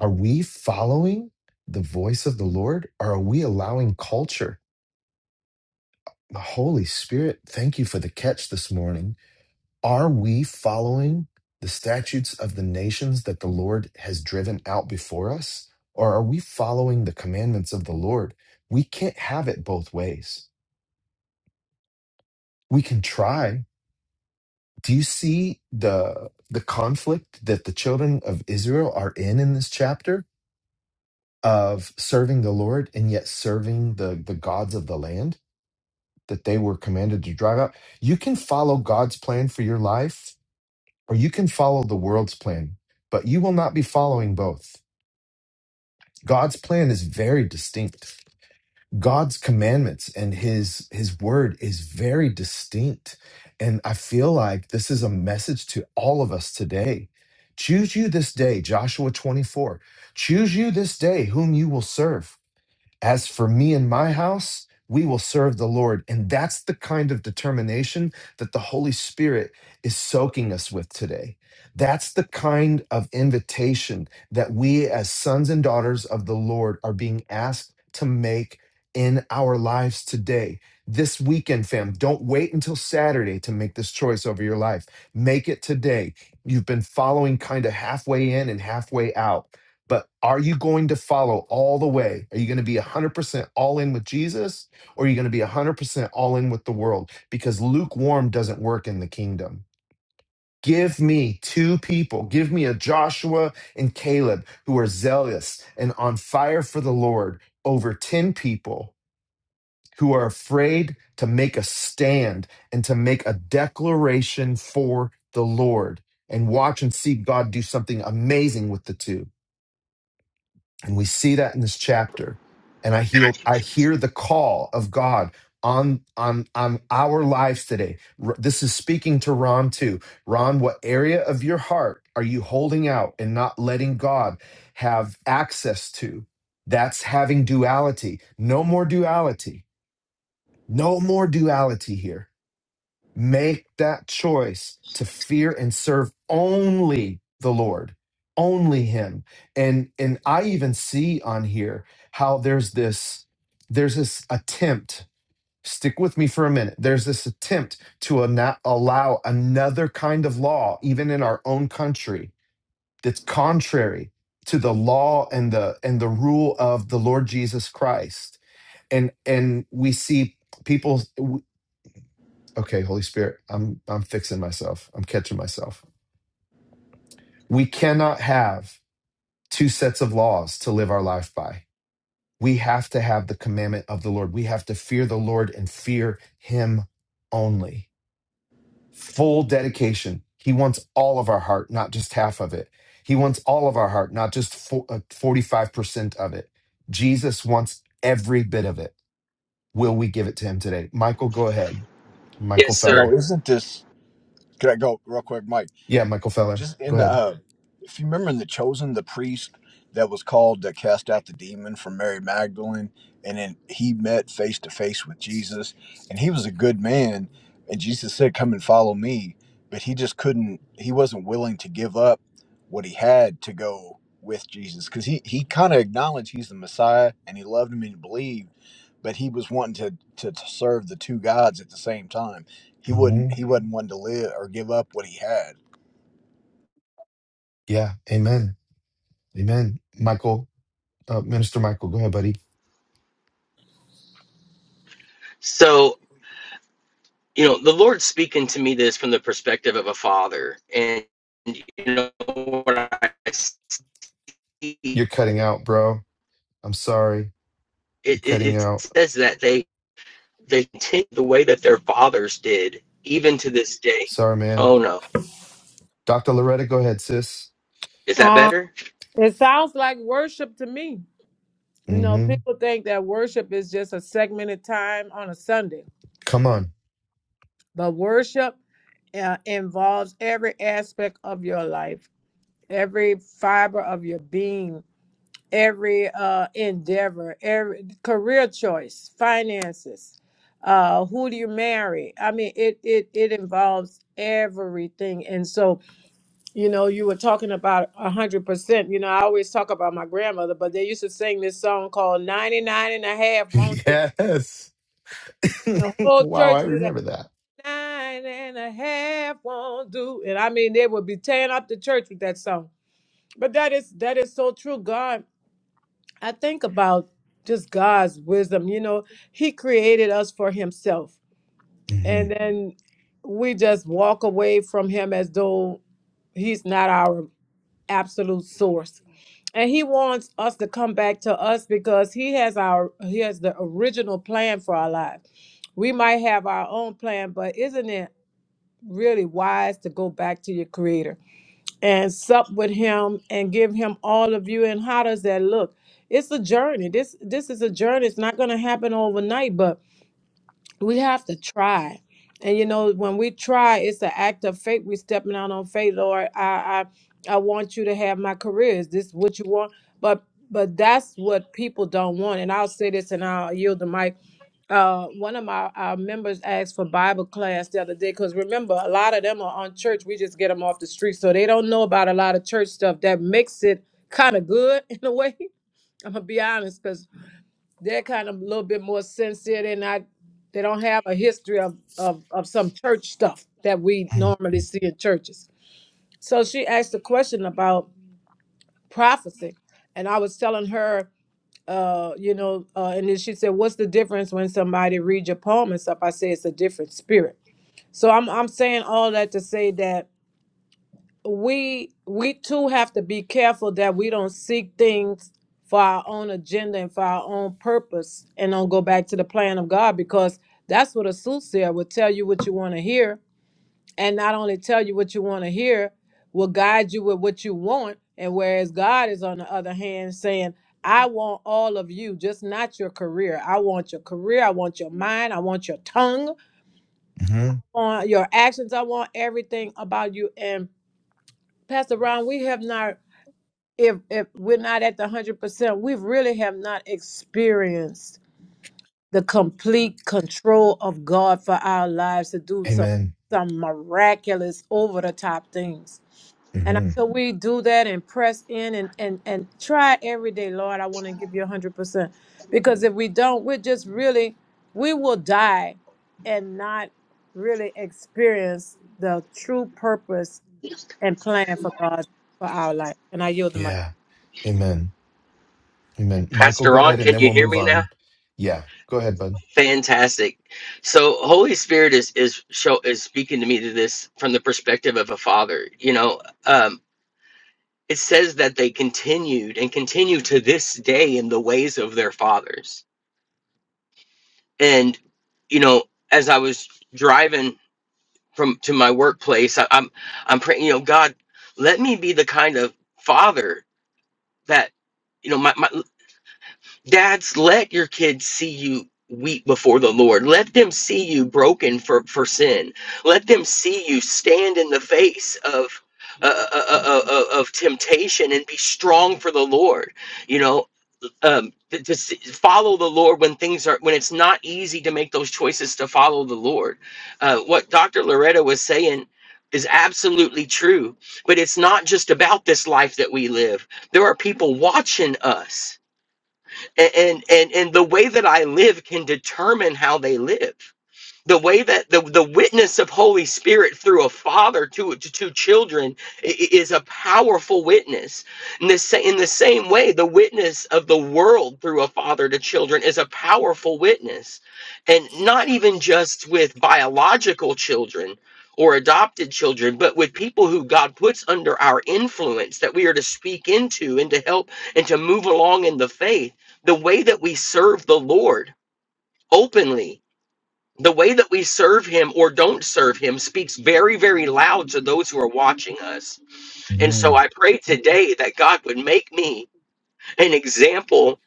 [SPEAKER 1] are we following the voice of the lord or are we allowing culture the holy spirit thank you for the catch this morning are we following the statutes of the nations that the lord has driven out before us or are we following the commandments of the lord we can't have it both ways we can try do you see the the conflict that the children of Israel are in in this chapter of serving the Lord and yet serving the the gods of the land that they were commanded to drive out? You can follow God's plan for your life or you can follow the world's plan, but you will not be following both. God's plan is very distinct. God's commandments and his his word is very distinct and I feel like this is a message to all of us today. Choose you this day, Joshua 24. Choose you this day whom you will serve. As for me and my house, we will serve the Lord. And that's the kind of determination that the Holy Spirit is soaking us with today. That's the kind of invitation that we, as sons and daughters of the Lord, are being asked to make in our lives today. This weekend, fam, don't wait until Saturday to make this choice over your life. Make it today. You've been following kind of halfway in and halfway out. But are you going to follow all the way? Are you going to be 100% all in with Jesus or are you going to be 100% all in with the world? Because lukewarm doesn't work in the kingdom. Give me two people, give me a Joshua and Caleb who are zealous and on fire for the Lord over 10 people who are afraid to make a stand and to make a declaration for the Lord and watch and see God do something amazing with the two. And we see that in this chapter. And I heal, I hear the call of God on on on our lives today. R- This is speaking to Ron too. Ron, what area of your heart are you holding out and not letting God have access to? That's having duality. No more duality. No more duality here Make that choice to fear and serve only the Lord, only Him. And and I even see on here how there's this there's this attempt. Stick with me for a minute. There's this attempt to not allow another kind of law, even in our own country, that's contrary to the law and the and the rule of the Lord Jesus Christ and and we see people okay, Holy Spirit, I'm I'm fixing myself. I'm catching myself. We cannot have two sets of laws to live our life by. We have to have the commandment of the Lord. We have to fear the Lord and fear him only. Full dedication. He wants all of our heart, not just half of it. He wants all of our heart, not just fo- uh, 45% of it. Jesus wants every bit of it. Will we give it to him today? Michael, go ahead. Michael
[SPEAKER 6] Yes, sir.
[SPEAKER 7] No,
[SPEAKER 1] Feller.
[SPEAKER 7] isn't this? Can I go real quick, Mike?
[SPEAKER 1] Yeah, Michael Feller.
[SPEAKER 7] just
[SPEAKER 1] Go
[SPEAKER 7] in the uh if you remember in the chosen the priest that was called to cast out the demon from mary magdalene and then he met face to face with jesus and he was a good man and jesus said come and follow me but he just couldn't he wasn't willing to give up what he had to go with jesus because he he kind of acknowledged he's the messiah and he loved him and he believed but he was wanting to, to to serve the two gods at the same time he
[SPEAKER 1] ahead.
[SPEAKER 7] wouldn't he wasn't wanting to live or give up what he had
[SPEAKER 1] Yeah. Amen. Amen. Michael, uh, Minister Michael, go ahead, buddy.
[SPEAKER 6] So, you know, the Lord's speaking to me this from the perspective of a father. And, you know, what I see, it,
[SPEAKER 1] You're cutting out, bro. I'm sorry.
[SPEAKER 6] it,
[SPEAKER 1] You're cutting
[SPEAKER 6] it
[SPEAKER 1] out.
[SPEAKER 6] says that they, they continue the way that their fathers did, even to this day.
[SPEAKER 1] Sorry, man.
[SPEAKER 6] Oh, no.
[SPEAKER 1] Dr. Loretta, go ahead, sis.
[SPEAKER 6] Is that
[SPEAKER 8] Um,
[SPEAKER 6] better?
[SPEAKER 8] it sounds like worship to me. You know,
[SPEAKER 1] Mm-hmm.
[SPEAKER 8] people think that worship is just a segmented time on a Sunday,
[SPEAKER 1] Come on.
[SPEAKER 8] but worship uh, involves every aspect of your life, every fiber of your being, every uh, endeavor, every career choice, finances. Uh, who do you marry? I mean, it it it involves everything, and so You know, you were talking about a hundred percent. You know, I always talk about my grandmother, but they used to sing this song called 99 and a half won't do.
[SPEAKER 1] yes.
[SPEAKER 8] The whole
[SPEAKER 1] wow. I
[SPEAKER 8] church knew that
[SPEAKER 1] remember that.
[SPEAKER 8] nine and a half won't do. And I mean, they would be tearing up the church with that song. But that is that is so true. God, I think about just God's wisdom. You know, He created us for Himself.
[SPEAKER 1] hmm
[SPEAKER 8] And then we just walk away from Him as though He's not our absolute source and he wants us to come back to us because he has our he has the original plan for our life. we might have our own plan but isn't it really wise to go back to your creator and sup with him and give him all of you and how does that look it's a journey this this is a journey it's not going to happen overnight but we have to try and you know when we try it's an act of faith we're stepping out on faith lord i i i want you to have my career is this what you want but but that's what people don't want and i'll say this and i'll yield the mic uh one of my our members asked for bible class the other day because remember a lot of them are on church we just get them off the street so they don't know about a lot of church stuff that makes it kind of good in a way i'm gonna be honest, cause they're kind of a little bit more sincere. They're not, they don't have a history of, of, of some church stuff that we normally see in churches. So she asked a question about prophecy. And I was telling her, uh, you know, uh, and then she said, What's the difference when somebody reads your poem and stuff? I say it's a different spirit. So I'm I'm saying all that to say that we we too have to be careful that we don't seek things for our own agenda and for our own purpose and don't go back to the plan of God because that's what a soothsayer will tell you what you want to hear and not only tell you what you want to hear will guide you with what you want and whereas God is on the other hand saying I want all of you just not your career I want your career I want your mind I want your tongue I
[SPEAKER 1] hmm
[SPEAKER 8] want your actions I want everything about you and Pastor Ron we have not if if we're not at the hundred percent, we really have not experienced the complete control of God for our lives to do some
[SPEAKER 1] Amen.
[SPEAKER 8] some miraculous over the top things. And
[SPEAKER 1] hmm
[SPEAKER 8] until we do that and press in and and and try every day, Lord, I want to give you a hundred percent. Because if we don't, we're just really we will die and not really experience the true purpose and plan for God for our life. And I yield the mic.
[SPEAKER 1] Yeah. Amen. Amen. Michael,
[SPEAKER 6] Pastor
[SPEAKER 1] go
[SPEAKER 6] Ron,
[SPEAKER 1] ahead and
[SPEAKER 6] can
[SPEAKER 1] then
[SPEAKER 6] you
[SPEAKER 1] we'll
[SPEAKER 6] hear
[SPEAKER 1] move
[SPEAKER 6] me now?
[SPEAKER 1] on. Yeah. Go ahead, bud.
[SPEAKER 6] Fantastic. So Holy Spirit is is show is speaking to me to this from the perspective of a father. You know, um, It says that they continued and continue to this day in the ways of their fathers. And you know, as I was driving from to my workplace, I, I'm I'm praying, you know, God, let me be the kind of father that you know, my, my dads, let your kids see you weep before the Lord. Let them see you broken for, for sin. Let them see you stand in the face of uh, uh, uh, uh, uh, of temptation and be strong for the Lord. You know, um to, to s- follow the lord when things are when it's not easy to make those choices to follow the lord uh what dr loretta was saying is absolutely true but it's not just about this life that we live there are people watching us A- and and and the way that i live can determine how they live the way that the, the witness of holy spirit through a father to, to two children is a powerful witness in the, sa- in the same way the witness of the world through a father to children is a powerful witness and not even just with biological children or adopted children but with people who god puts under our influence that we are to speak into and to help and to move along in the faith the way that we serve the lord openly the way that we serve him or don't serve him speaks very, very loud to those who are watching us. And
[SPEAKER 1] hmm
[SPEAKER 6] so I pray today that God would make me an example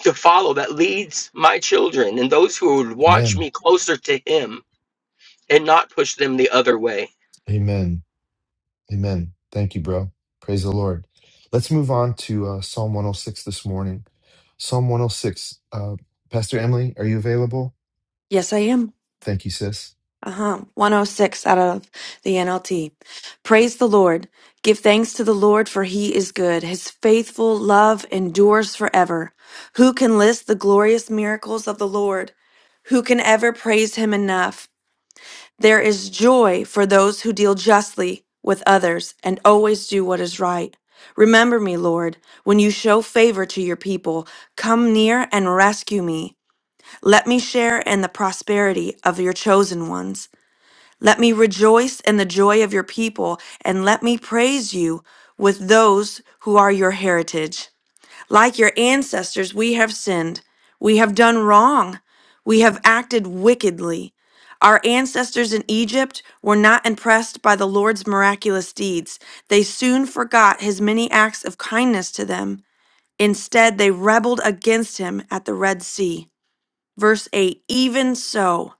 [SPEAKER 6] to follow that leads my children and those who would watch
[SPEAKER 1] Amen.
[SPEAKER 6] me closer to him and not push them the other way.
[SPEAKER 1] Amen. Amen. Thank you, bro. Praise the Lord. Let's move on to uh, Psalm 106 this morning. Psalm 106. Uh, Pastor Emily, are you available?
[SPEAKER 9] Yes, I am.
[SPEAKER 1] Thank you, sis.
[SPEAKER 9] Uh huh. 106 out of the NLT. Praise the Lord. Give thanks to the Lord, for he is good. His faithful love endures forever. Who can list the glorious miracles of the Lord? Who can ever praise him enough? There is joy for those who deal justly with others and always do what is right. Remember me, Lord, when you show favor to your people. Come near and rescue me. Let me share in the prosperity of your chosen ones. Let me rejoice in the joy of your people, and let me praise you with those who are your heritage. Like your ancestors, we have sinned. We have done wrong. We have acted wickedly. Our ancestors in Egypt were not impressed by the Lord's miraculous deeds. They soon forgot his many acts of kindness to them. Instead, they rebelled against him at the Red Sea. Verse 8 Even so,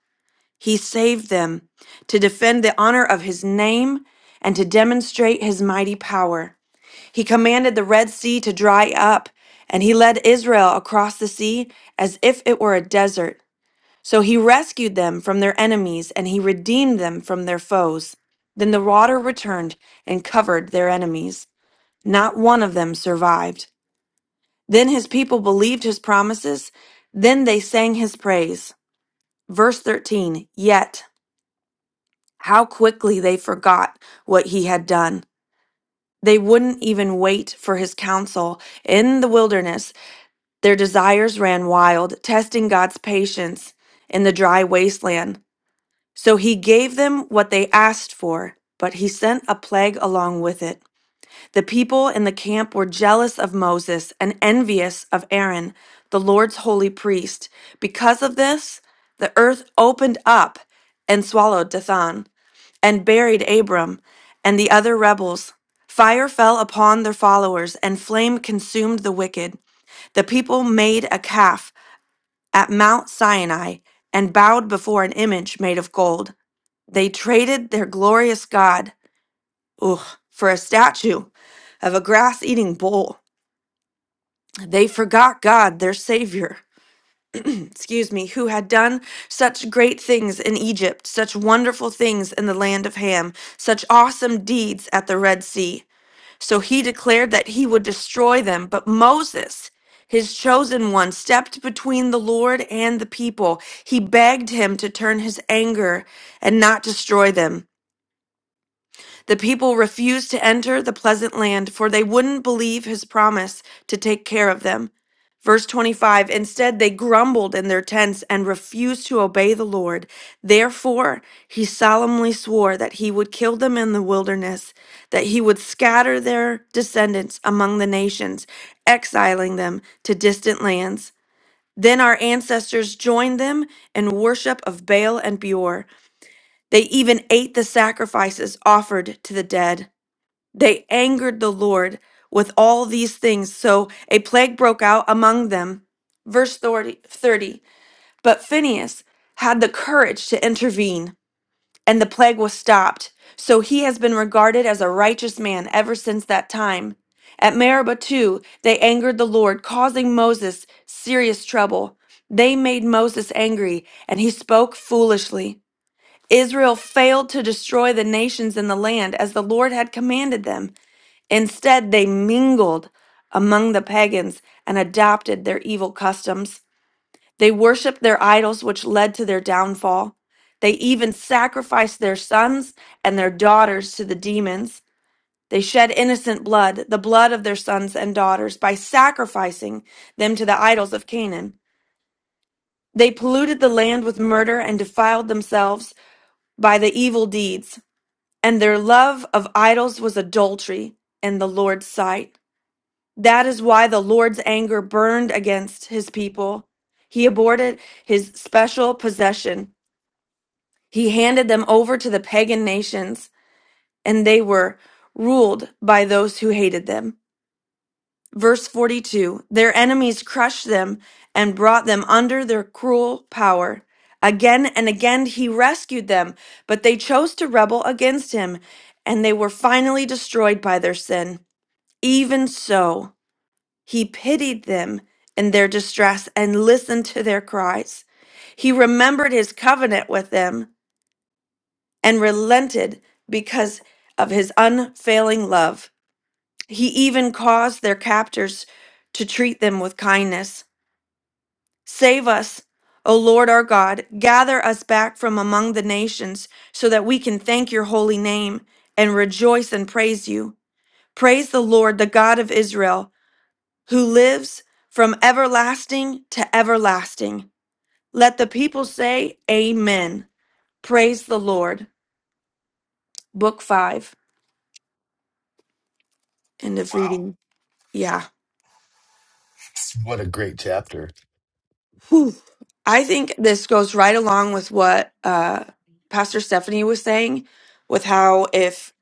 [SPEAKER 9] he saved them to defend the honor of his name and to demonstrate his mighty power. He commanded the Red Sea to dry up, and he led Israel across the sea as if it were a desert. So he rescued them from their enemies, and he redeemed them from their foes. Then the water returned and covered their enemies. Not one of them survived. Then his people believed his promises. Then they sang his praise. Verse 13 Yet, how quickly they forgot what he had done. They wouldn't even wait for his counsel. In the wilderness, their desires ran wild, testing God's patience in the dry wasteland. So he gave them what they asked for, but he sent a plague along with it. The people in the camp were jealous of Moses and envious of Aaron, the Lord's holy priest. Because of this, the earth opened up and swallowed Dathan. and buried Abram and the other rebels. Fire fell upon their followers, and flame consumed the wicked. The people made a calf at Mount Sinai and bowed before an image made of gold. They traded their glorious God ugh, for a statue of a grass eating bull. They forgot God, their Savior, excuse me, who had done such great things in Egypt, such wonderful things in the land of Ham, such awesome deeds at the Red Sea. So he declared that he would destroy them. But Moses, his chosen one, stepped between the Lord and the people. He begged him to turn his anger and not destroy them. The people refused to enter the pleasant land, for they wouldn't believe his promise to take care of them. Verse 25 Instead, they grumbled in their tents and refused to obey the Lord. Therefore, he solemnly swore that he would kill them in the wilderness, that he would scatter their descendants among the nations, exiling them to distant lands. Then our ancestors joined them in worship of Baal and Beor. They even ate the sacrifices offered to the dead. They angered the Lord with all these things, so a plague broke out among them. Verse 30, But Phinehas had the courage to intervene, and the plague was stopped. So he has been regarded as a righteous man ever since that time. At Meribah, too, they angered the Lord, causing Moses serious trouble. They made Moses angry, and he spoke foolishly. Israel failed to destroy the nations in the land as the Lord had commanded them. Instead, they mingled among the pagans and adopted their evil customs. They worshiped their idols, which led to their downfall. They even sacrificed their sons and their daughters to the demons. They shed innocent blood, the blood of their sons and daughters, by sacrificing them to the idols of Canaan. They polluted the land with murder and defiled themselves by the evil deeds. And their love of idols was adultery in the Lord's sight. That is why the Lord's anger burned against his people. He aborted his special possession. He handed them over to the pagan nations, and they were ruled by those who hated them. Verse 42 Their enemies crushed them and brought them under their cruel power. Again and again he rescued them, but they chose to rebel against him, and they were finally destroyed by their sin. Even so, He pitied them in their distress and listened to their cries. He remembered his covenant with them and relented because of his unfailing love. He even caused their captors to treat them with kindness. Save us, O Lord our God. Gather us back from among the nations so that we can thank your holy name and rejoice and praise you. Praise the Lord, the God of Israel. who lives from everlasting to everlasting. Let the people say, Amen. Praise the Lord. Book five, end of reading. Yeah.
[SPEAKER 1] What a great chapter.
[SPEAKER 9] Whew. I think this goes right along with what uh, Pastor Stephanie was saying, with how if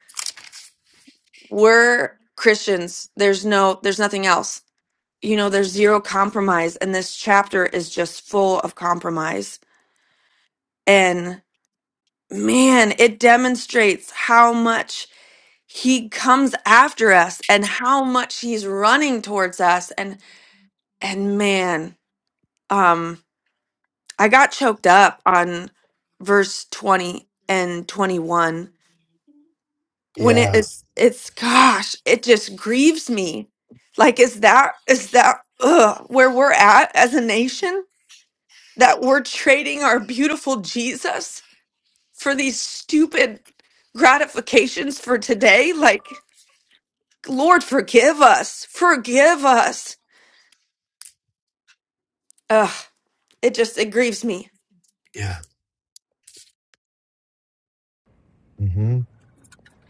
[SPEAKER 9] we're Christians, there's no, there's nothing else. You know, there's zero compromise, and this chapter is just full of compromise. And man, it demonstrates how much he comes after us and how much he's running towards us and and man um i got choked up on verse 20 and 21 when it
[SPEAKER 1] Yeah.
[SPEAKER 9] is it's gosh it just grieves me like is that is that ugh, where we're at as a nation that we're trading our beautiful jesus for these stupid gratifications for today like lord forgive us forgive us Ugh, it just it grieves me.
[SPEAKER 1] Yeah. hmm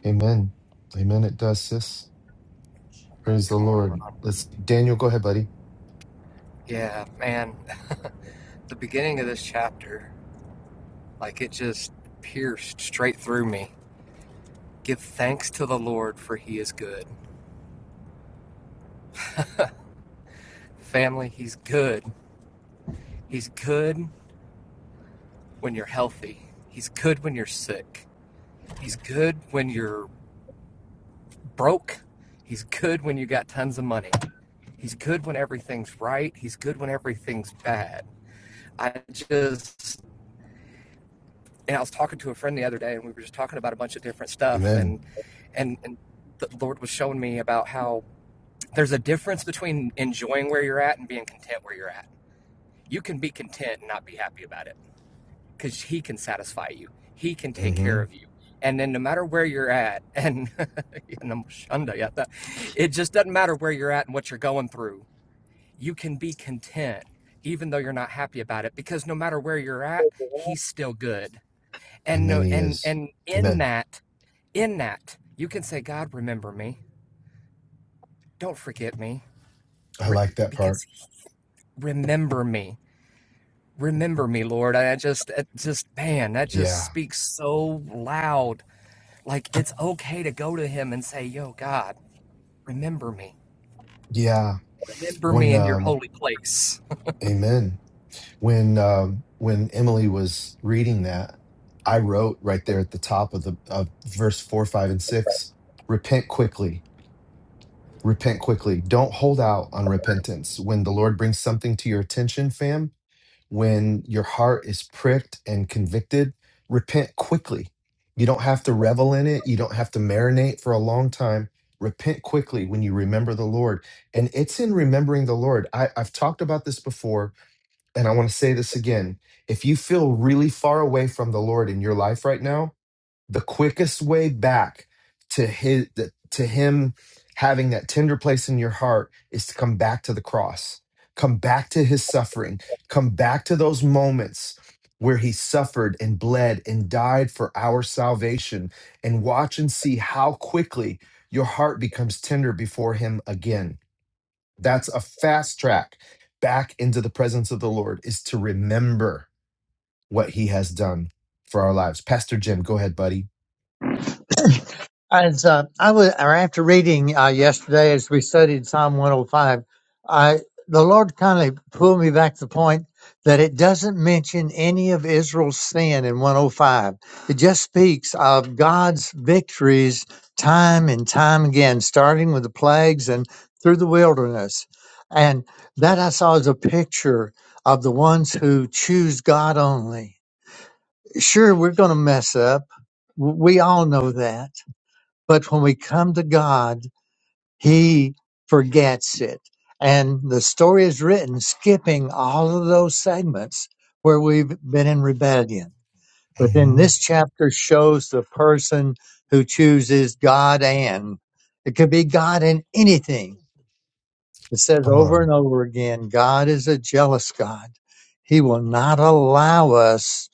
[SPEAKER 1] Amen. Amen. It does, sis. Praise the
[SPEAKER 10] Good morning,
[SPEAKER 1] Lord.
[SPEAKER 10] Ron.
[SPEAKER 1] Let's, Daniel, go ahead, buddy.
[SPEAKER 10] Yeah, man, the beginning of this chapter, like it just pierced straight through me. Give thanks to the Lord for he is good. Family, he's good. He's good when you're healthy. He's good when you're sick. He's good when you're broke. He's good when you got tons of money. He's good when everything's right. He's good when everything's bad. I just and I was talking to a friend the other day, and we were just talking about a bunch of different stuff, and
[SPEAKER 1] Amen.
[SPEAKER 10] and and the Lord was showing me about how there's a difference between enjoying where you're at and being content where you're at. You can be content and not be happy about it because He can satisfy you. He can take
[SPEAKER 1] hmm
[SPEAKER 10] care of you. And then no matter where you're at, and and I'm shunda yet that it just doesn't matter where you're at and what you're going through. You can be content even though you're not happy about it because no matter where you're at, He's still good and
[SPEAKER 1] Amen.
[SPEAKER 10] no
[SPEAKER 1] He
[SPEAKER 10] and
[SPEAKER 1] is.
[SPEAKER 10] and in
[SPEAKER 1] Amen.
[SPEAKER 10] that in that you can say god remember me don't forget me
[SPEAKER 1] I like
[SPEAKER 10] Re-
[SPEAKER 1] that part.
[SPEAKER 10] because he- remember me remember me lord and i just it just man that just
[SPEAKER 1] Yeah.
[SPEAKER 10] speaks so loud like it's okay to go to him and say yo god remember me
[SPEAKER 1] Yeah.
[SPEAKER 10] remember
[SPEAKER 1] When,
[SPEAKER 10] me in your
[SPEAKER 1] um,
[SPEAKER 10] holy place
[SPEAKER 1] amen. when um, when Emily was reading that, I wrote right there at the top of the of verse four, five, and six: repent quickly, repent quickly. Don't hold out on repentance. When the Lord brings something to your attention, fam, when your heart is pricked and convicted, repent quickly. You don't have to revel in it. You don't have to marinate for a long time. Repent quickly when you remember the Lord. And it's in remembering the Lord. I, I've talked about this before and I want to say this again if you feel really far away from the Lord in your life right now, the quickest way back to his to him having that tender place in your heart is to come back to the cross. Come back to his suffering. Come back to those moments where he suffered and bled and died for our salvation and watch and see how quickly your heart becomes tender before him again that's a fast track back into the presence of the Lord is to remember what he has done for our lives. Pastor Jim, go ahead, buddy.
[SPEAKER 11] As uh, I was, or after reading uh, yesterday, as we studied Psalm 105, I the Lord kind of pulled me back to the point that it doesn't mention any of Israel's sin in 105. It just speaks of God's victories time and time again, starting with the plagues and through the wilderness. And that I saw as a picture of the ones who choose God only. Sure, we're going to mess up. W- We all know that But when we come to God, He forgets it. And the story is written skipping all of those segments where we've been in rebellion. But then
[SPEAKER 1] hmm
[SPEAKER 11] this chapter shows the person who chooses God and it could be God in anything. It says
[SPEAKER 1] Come
[SPEAKER 11] over
[SPEAKER 1] on.
[SPEAKER 11] and over again God is a jealous God. He will not allow us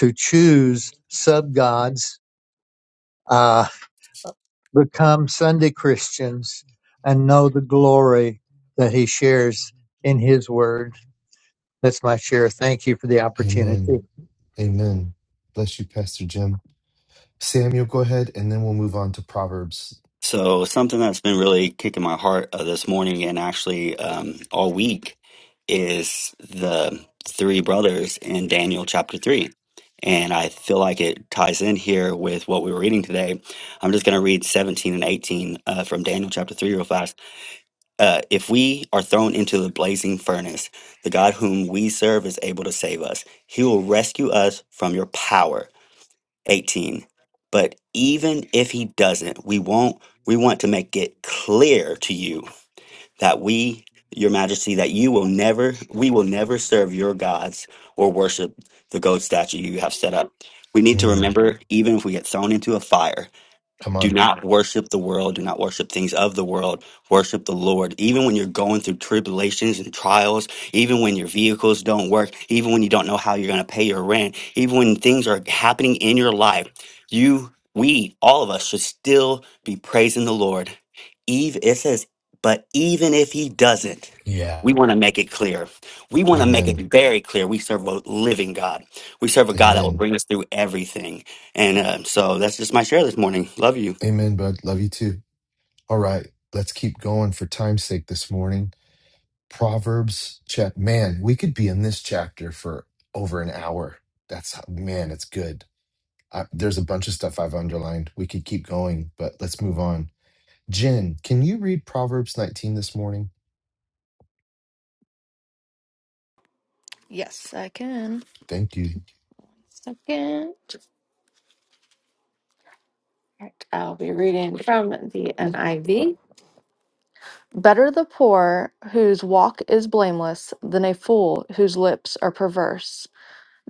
[SPEAKER 11] to choose sub gods become Sunday Christians and know the glory that he shares in his word. That's my share. Thank you for the opportunity.
[SPEAKER 1] Amen. Amen. Bless you, Pastor Jim. Samuel, go ahead, and then we'll move on to Proverbs.
[SPEAKER 12] So something that's been really kicking my heart uh, this morning and actually um, all week is the three brothers in Daniel chapter three. And I feel like it ties in here with what we were reading today. I'm just going to read 17 and 18 uh, from Daniel chapter 3 real fast. Uh, if we are thrown into the blazing furnace, the God whom we serve is able to save us. He will rescue us from your power 18 but even if he doesn't we won't we want to make it clear to you that we your majesty that you will never we will never serve your gods or worship the gold statue you have set up we need to
[SPEAKER 1] Mm,
[SPEAKER 12] remember even if we get thrown into a fire
[SPEAKER 1] come
[SPEAKER 12] do
[SPEAKER 1] on.
[SPEAKER 12] not worship the world. Do not worship things of the world. Worship the Lord. Even when you're going through tribulations and trials, even when your vehicles don't work, even when you don't know how you're going to pay your rent, even when things are happening in your life, you, we, all of us should still be praising the Lord. Eve, it says, but even if he doesn't,
[SPEAKER 1] Yeah.
[SPEAKER 12] we want to make it clear. We want to make it
[SPEAKER 1] Amen.
[SPEAKER 12] very clear. We serve a living God. We serve a God that will
[SPEAKER 1] Amen.
[SPEAKER 12] bring us through everything. And uh, so that's just my share this morning. Love you.
[SPEAKER 1] Amen, bud. Love you too. All right. Let's keep going for time's sake this morning. Proverbs chap man, we could be in this chapter for over an hour. That's how, man, it's good. I, there's a bunch of stuff I've underlined. We could keep going, but let's move on. Jen, can you read Proverbs 19 this morning?
[SPEAKER 2] Yes, I can.
[SPEAKER 1] Thank you.
[SPEAKER 2] Second. All right, I'll be reading from the NIV. Better the poor whose walk is blameless than a fool whose lips are perverse.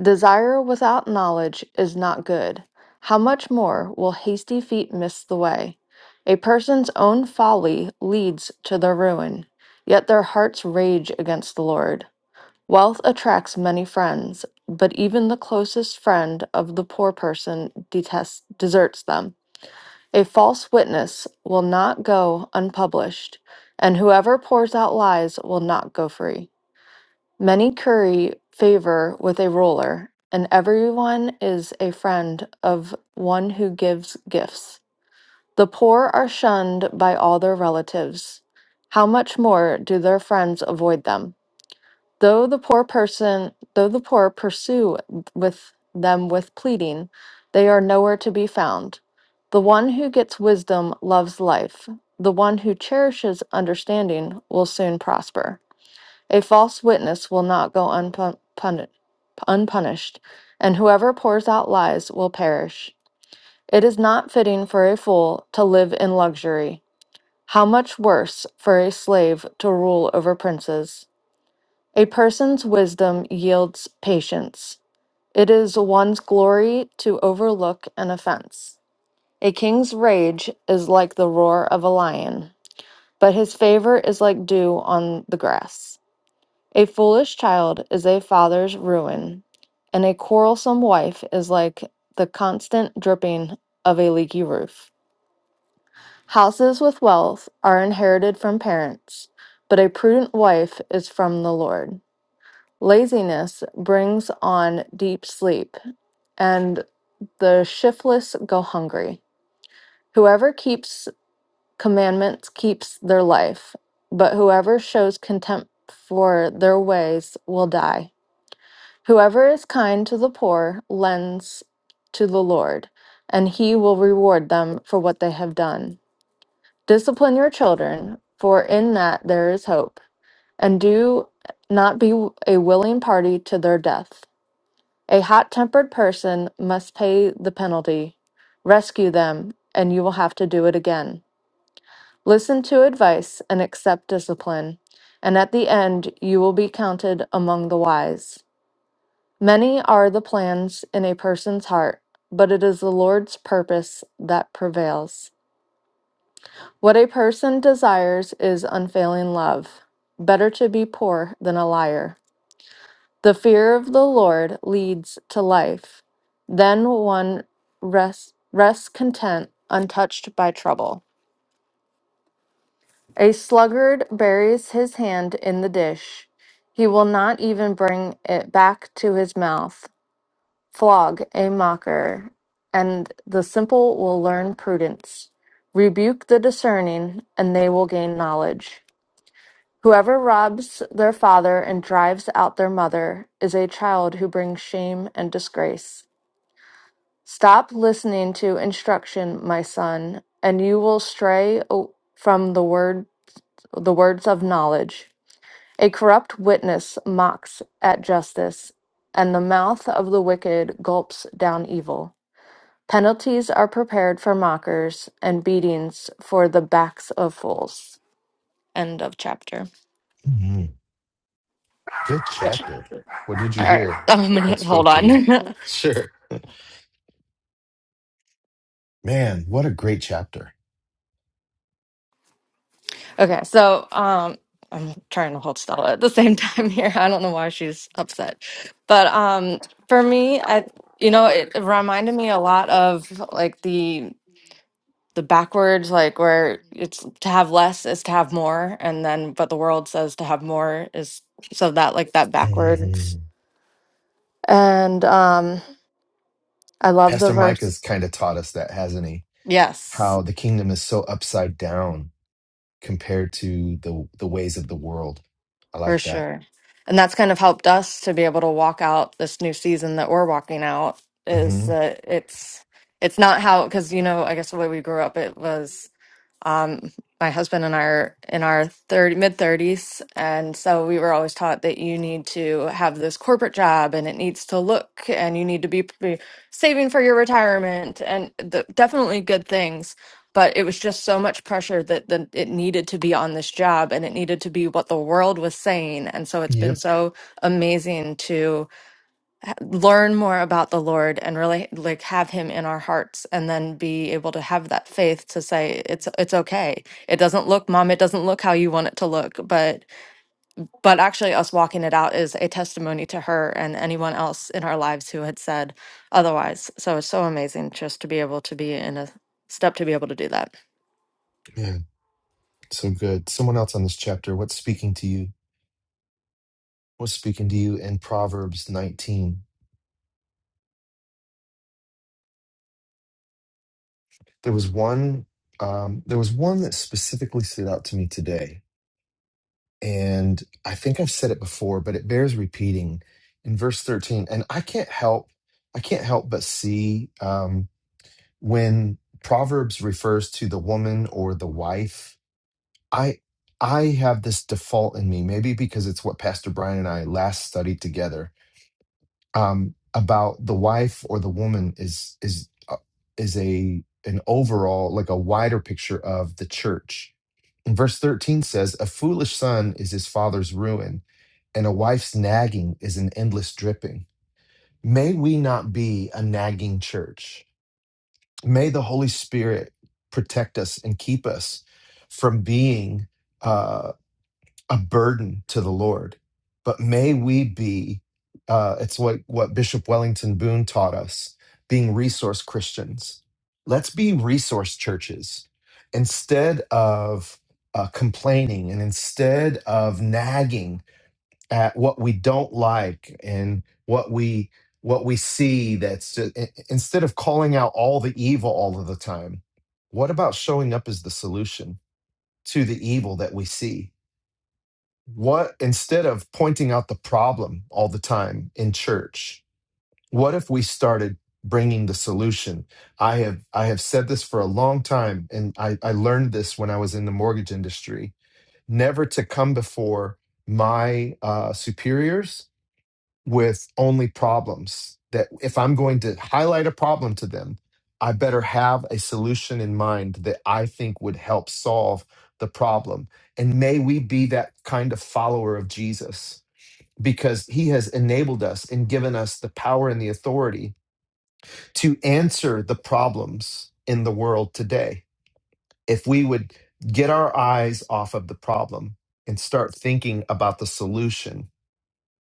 [SPEAKER 2] Desire without knowledge is not good. How much more will hasty feet miss the way? A person's own folly leads to their ruin, yet their hearts rage against the Lord. Wealth attracts many friends, but even the closest friend of the poor person detests, deserts them. A false witness will not go unpublished, and whoever pours out lies will not go free. Many curry favor with a ruler, and everyone is a friend of one who gives gifts. The poor are shunned by all their relatives. How much more do their friends avoid them? Though the poor person, though the poor pursue with them with pleading, they are nowhere to be found. The one who gets wisdom loves life. The one who cherishes understanding will soon prosper. A false witness will not go unpun- puni- unpunished, and whoever pours out lies will perish. It is not fitting for a fool to live in luxury. How much worse for a slave to rule over princes! A person's wisdom yields patience. It is one's glory to overlook an offense. A king's rage is like the roar of a lion, but his favor is like dew on the grass. A foolish child is a father's ruin, and a quarrelsome wife is like the constant dripping of a leaky roof. Houses with wealth are inherited from parents, but a prudent wife is from the Lord. Laziness brings on deep sleep, and the shiftless go hungry. Whoever keeps commandments keeps their life, but whoever shows contempt for their ways will die. Whoever is kind to the poor lends to the Lord, and he will reward them for what they have done. Discipline your children, for in that there is hope, and do not be a willing party to their death. A hot tempered person must pay the penalty. Rescue them, and you will have to do it again. Listen to advice and accept discipline, and at the end you will be counted among the wise. Many are the plans in a person's heart, but it is the Lord's purpose that prevails. What a person desires is unfailing love. Better to be poor than a liar. The fear of the Lord leads to life. Then one rests, rests content, untouched by trouble. A sluggard buries his hand in the dish. He will not even bring it back to his mouth. Flog a mocker, and the simple will learn prudence. Rebuke the discerning, and they will gain knowledge. Whoever robs their father and drives out their mother is a child who brings shame and disgrace. Stop listening to instruction, my son, and you will stray o- from the word the words of knowledge. A corrupt witness mocks at justice, and the mouth of the wicked gulps down evil. Penalties are prepared for mockers and beatings for the backs of fools. End of chapter.
[SPEAKER 1] Mhm. Good chapter. What did you
[SPEAKER 2] All right.
[SPEAKER 1] hear?
[SPEAKER 2] I'm
[SPEAKER 1] What
[SPEAKER 2] gonna hold
[SPEAKER 1] spoke to you?
[SPEAKER 2] on.
[SPEAKER 1] Sure. Man, what a great chapter.
[SPEAKER 2] Okay, so um I'm trying to hold Stella at the same time here. I don't know why she's upset. But um for me, I you know, it reminded me a lot of like the the backwards like where it's to have less is to have more and then but the world says to have more is so that like that backwards.
[SPEAKER 1] Mhm.
[SPEAKER 2] And um I love the
[SPEAKER 1] Pastor
[SPEAKER 2] verse.
[SPEAKER 1] Micah's kind of taught us that, hasn't he?
[SPEAKER 2] Yes.
[SPEAKER 1] How the kingdom is so upside down compared to the the ways of the world. I
[SPEAKER 2] For
[SPEAKER 1] like that.
[SPEAKER 2] sure. And that's kind of helped us to be able to walk out this new season that we're walking out is
[SPEAKER 1] hmm
[SPEAKER 2] that it's it's not how because you know I guess the way we grew up it was um my husband and I are in our 30 mid 30s and so we were always taught that you need to have this corporate job and it needs to look and you need to be, be saving for your retirement and the, definitely good things but it was just so much pressure that the, it needed to be on this job and it needed to be what the world was saying and so it's been
[SPEAKER 1] Yep,
[SPEAKER 2] so amazing to h- learn more about the lord and really like have him in our hearts and then be able to have that faith to say it's it's okay it doesn't look mom it doesn't look how you want it to look but but actually us walking it out is a testimony to her and anyone else in our lives who had said otherwise so it's so amazing just to be able to be in a step to be able to do that
[SPEAKER 1] man, so good. Someone else on this chapter. What's speaking to you? What's speaking to you in Proverbs 19? There was one. Um, there was one that specifically stood out to me today, and I think I've said it before, but it bears repeating. In verse 13, and I can't help, I can't help but see um, when Proverbs refers to the woman or the wife I I have this default in me, maybe because it's what Pastor Brian and I last studied together um, about the wife or the woman is is uh, is a an overall like a wider picture of the church. And verse thirteen says, "A foolish son is his father's ruin, and a wife's nagging is an endless dripping." May we not be a nagging church. May the Holy Spirit protect us and keep us from being. uh, a burden to the Lord. But may we be, uh, it's what, what Bishop Wellington Boone taught us, being resource Christians. Let's be resource churches instead of uh, complaining and instead of nagging at what we don't like and what we what we see that's ju- i- i- instead of calling out all the evil all of the time what about showing up as the solution to the evil that we see what instead of pointing out the problem all the time in church what if we started bringing the solution i have i have said this for a long time and i, I learned this when i was in the mortgage industry never to come before my uh, superiors with only problems that if I'm going to highlight a problem to them, I better have a solution in mind that I think would help solve the problem. And may we be that kind of follower of Jesus because he has enabled us and given us the power and the authority to answer the problems in the world today. If we would get our eyes off of the problem and start thinking about the solution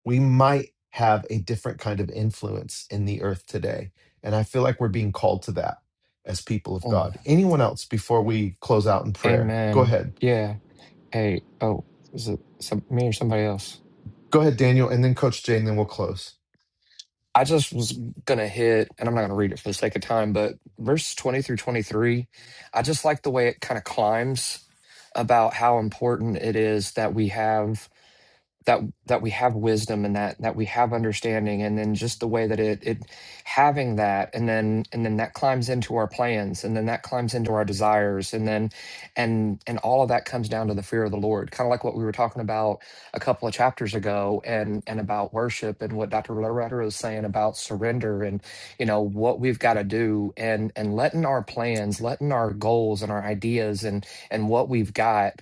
[SPEAKER 1] we might have a different kind of influence in the earth today. And I feel like we're being called to that as people of
[SPEAKER 10] Mm.
[SPEAKER 1] God. Anyone else before we close out in prayer? Go
[SPEAKER 10] Amen.
[SPEAKER 1] ahead.
[SPEAKER 10] Yeah. Hey, oh, is it some, me or somebody else?
[SPEAKER 1] Go ahead, Daniel, and then Coach Jay, and then we'll close.
[SPEAKER 10] I just was going to hit, and I'm not going to read it for the sake of time, but verse 20 through 23, I just like the way it kind of climbs about how important it is that we have that that we have wisdom and that that we have understanding and then just the way that it it having that and then and then that climbs into our plans and then that climbs into our desires and then and and all of that comes down to the fear of the lord kind of like what we were talking about a couple of chapters ago and and about worship and what dr loretta was saying about surrender and you know what we've got to do and and letting our plans letting our goals and our ideas and and what we've got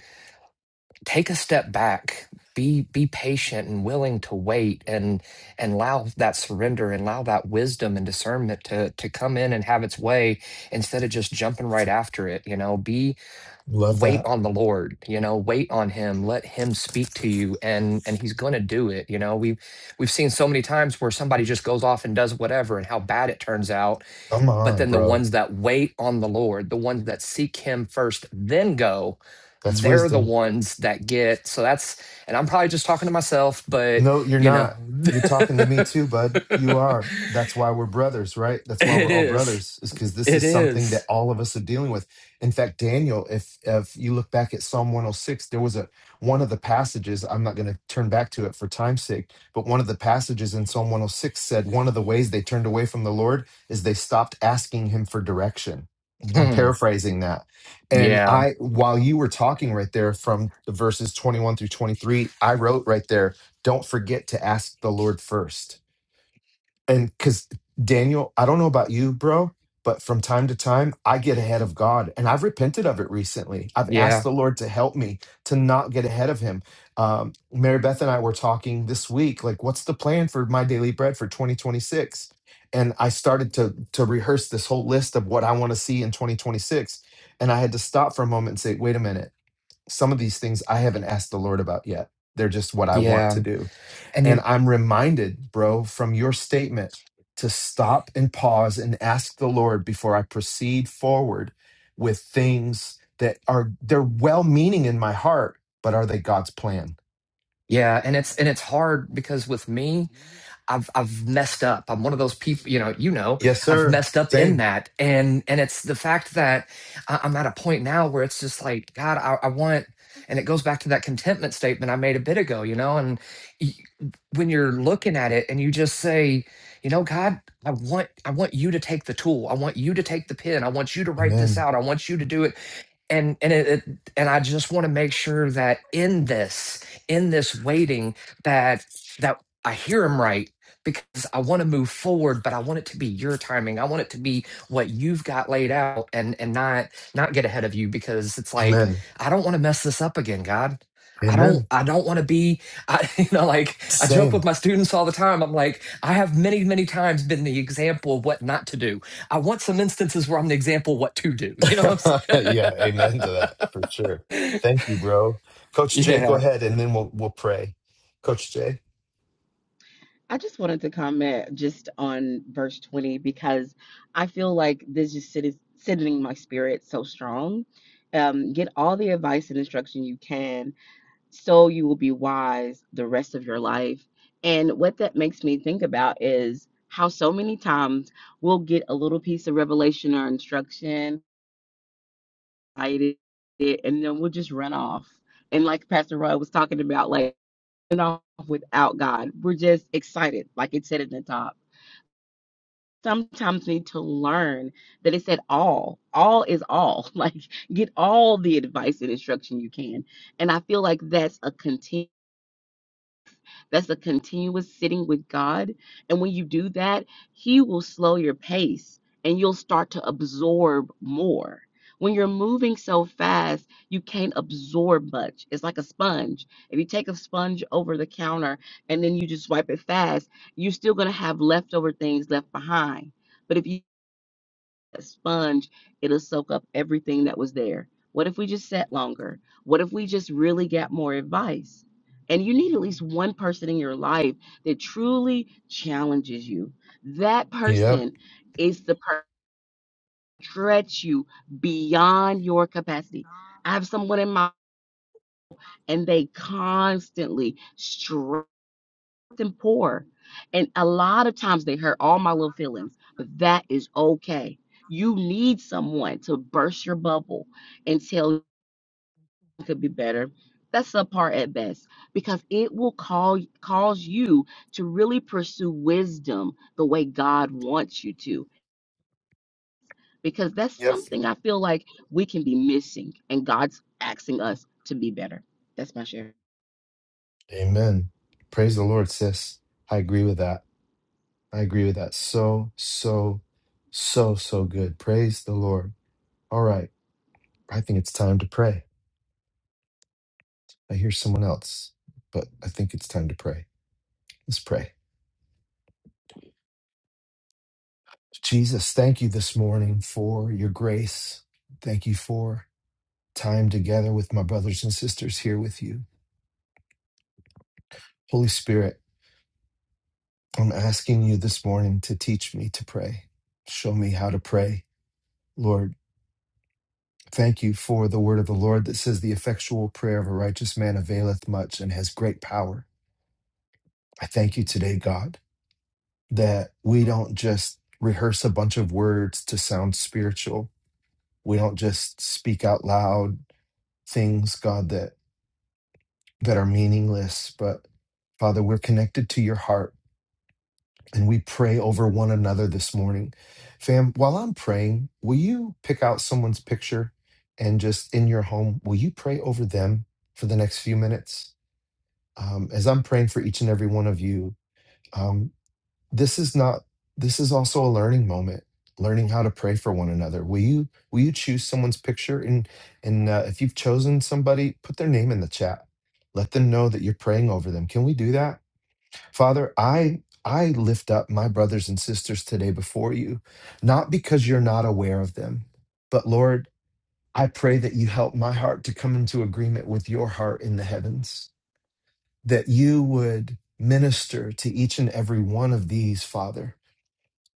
[SPEAKER 10] take a step back be be patient and willing to wait and and allow that surrender and allow that wisdom and discernment to to come in and have its way instead of just jumping right after it you know be
[SPEAKER 1] Love
[SPEAKER 10] wait
[SPEAKER 1] that.
[SPEAKER 10] on the lord you know wait on him let him speak to you and and he's going to do it you know we have we've we've seen so many times where somebody just goes off and does whatever and how bad it turns out
[SPEAKER 1] Come
[SPEAKER 10] but
[SPEAKER 1] on,
[SPEAKER 10] then the
[SPEAKER 1] bro.
[SPEAKER 10] ones that wait on the Lord, the ones that seek Him first, then go,
[SPEAKER 1] That's
[SPEAKER 10] they're the
[SPEAKER 1] wisdom.
[SPEAKER 10] ones that get. So that's, and I'm probably just talking to myself, but
[SPEAKER 1] No, you're
[SPEAKER 10] you know,
[SPEAKER 1] not. You're talking to me too, bud. You are. That's why we're brothers, right? That's why
[SPEAKER 10] it
[SPEAKER 1] we're all
[SPEAKER 10] is.
[SPEAKER 1] brothers, is because this
[SPEAKER 10] It
[SPEAKER 1] is something that
[SPEAKER 10] is.
[SPEAKER 1] all of us are dealing with. In fact, Daniel, if if you look back at Psalm 106, there was a one of the passages, I'm not going to turn back to it for time's sake, but one of the passages in Psalm 106 said one of the ways they turned away from the Lord is they stopped asking him for direction. I'm
[SPEAKER 10] Hmm.
[SPEAKER 1] paraphrasing that.
[SPEAKER 10] Yeah.
[SPEAKER 1] And I, while you were talking right there from the verses 21 through 23, I wrote right there, don't forget to ask the Lord first. And because Daniel, I don't know about you, bro, but from time to time, I get ahead of God and I've repented of it recently. I've asked
[SPEAKER 10] Yeah.
[SPEAKER 1] the Lord to help me to not get ahead of Him. Um, Mary Beth and I were talking this week, like, what's the plan for my daily bread for 2026? And I started to to rehearse this whole list of what I want to see in 2026. And I had to stop for a moment and say, wait a minute, some of these things I haven't asked the Lord about yet. They're just what I want to
[SPEAKER 10] Yeah.
[SPEAKER 1] do
[SPEAKER 10] And
[SPEAKER 1] and
[SPEAKER 10] you,
[SPEAKER 1] I'm reminded, bro, from your statement to stop and pause and ask the Lord before I proceed forward with things that are they're well meaning in my heart, but are they God's plan?
[SPEAKER 10] yeah. And it's, and it's hard because with me, I've I've messed up. I'm one of those people, you know, you know,
[SPEAKER 1] Yes,
[SPEAKER 10] I've
[SPEAKER 1] sir.
[SPEAKER 10] messed up in
[SPEAKER 1] Same.
[SPEAKER 10] that. And and it's the fact that I- I'm at a point now where it's just like, God, I, I want and it goes back to that contentment statement I made a bit ago, you know, and y- when you're looking at it and you just say, you know, God, I want I want you to take the tool. I want you to take the pen. I want you to write this
[SPEAKER 1] Amen.
[SPEAKER 10] out. I want you to do it and and it, it and i just want to make sure that in this in this waiting that that i hear him right because i want to move forward but i want it to be your timing i want it to be what you've got laid out and and not not get ahead of you because it's like
[SPEAKER 1] Amen.
[SPEAKER 10] i don't want to mess this up again god I don't
[SPEAKER 1] Amen.
[SPEAKER 10] I don't want to be I you know like I joke
[SPEAKER 1] Same.
[SPEAKER 10] with my students all the time I'm like I have many many times been the example of what not to do I want some instances where I'm the example of what to do. You know what
[SPEAKER 1] yeah, amen to
[SPEAKER 10] I'm
[SPEAKER 1] that for sure.
[SPEAKER 10] saying?
[SPEAKER 1] Thank you, bro. Coach Jay,
[SPEAKER 10] yeah.
[SPEAKER 1] go ahead and then we'll we'll pray. Coach Jay.
[SPEAKER 13] I just wanted to comment just on verse 20 because I feel like this just sit sitting in my spirit so strong. Um, get all the advice and instruction you can so you will be wise the rest of your life. And what that makes me think about is how so many times we'll get a little piece of revelation or instruction, hide it, and then we'll just run off. And like Pastor Roy was talking about, like, run off without God. We're just excited, like it said at the top sometimes need to learn that it said all all is all like get all the advice and instruction you can and i feel like that's a continu- that's a continuous sitting with god and when you do that he will slow your pace and you'll start to absorb more when you're moving so fast you can't absorb much it's like a sponge if you take a sponge over the counter and then you just wipe it fast you're still going to have leftover things left behind but if you that sponge, it'll soak up everything that was there. What if we just sat longer? What if we just really got more advice? And you need at least one person in your life that truly challenges you. That
[SPEAKER 1] Yep.
[SPEAKER 13] person is the person that stretch you beyond your capacity. I have someone in my and they constantly stretch and poor. And a lot of times they hurt all my little feelings, but that is okay. You need someone to burst your bubble and tell you it could be better. That's subpar at best because it will call cause you to really pursue wisdom the way God wants you to. Because that's
[SPEAKER 1] Yep.
[SPEAKER 13] something I feel like we can be missing, and God's asking us to be better. That's my share.
[SPEAKER 1] Amen. Praise the Lord, sis. I agree with that. I agree with that. So, so, so, so good. Praise the Lord. All right. I think it's time to pray. I hear someone else, but I think it's time to pray. Let's pray. Jesus, thank you this morning for your grace. Thank you for time together with my brothers and sisters here with you. Holy Spirit, I'm asking you this morning to teach me to pray. Show me how to pray. Lord, Thank you for the word of the Lord that says, The effectual prayer of a righteous man availeth much and has great power. I thank you today, God, that we don't just rehearse a bunch of words to sound spiritual. We don't just speak out loud things, God, that, that are meaningless. But Father, we're connected to your heart and we pray over one another this morning. Fam, while I'm praying, will you pick out someone's picture and just in your home, will you pray over them for the next few minutes? um, as I'm praying for each and every one of you, um, this is not. This is also a learning moment, learning how to pray for one another. Will you will you choose someone's picture and and uh, if you've chosen somebody, put their name in the chat. Let them know that you're praying over them. Can we do that, Father? I I lift up my brothers and sisters today before you, not because you're not aware of them, but Lord, I pray that you help my heart to come into agreement with your heart in the heavens that you would minister to each and every one of these, Father,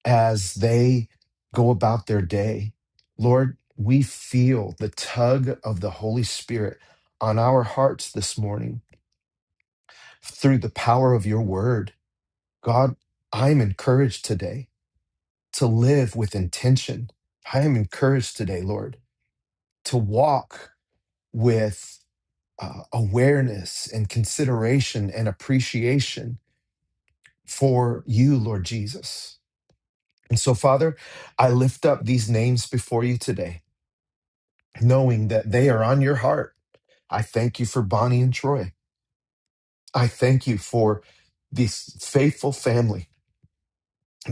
[SPEAKER 1] as they go about their day. Lord, we feel the tug of the Holy Spirit on our hearts this morning through the power of your word. God, I'm encouraged today to live with intention. I am encouraged today, Lord, to walk with uh, awareness and consideration and appreciation for you, Lord Jesus. And so, Father, I lift up these names before you today, knowing that they are on your heart. I thank you for Bonnie and Troy. I thank you for this faithful family,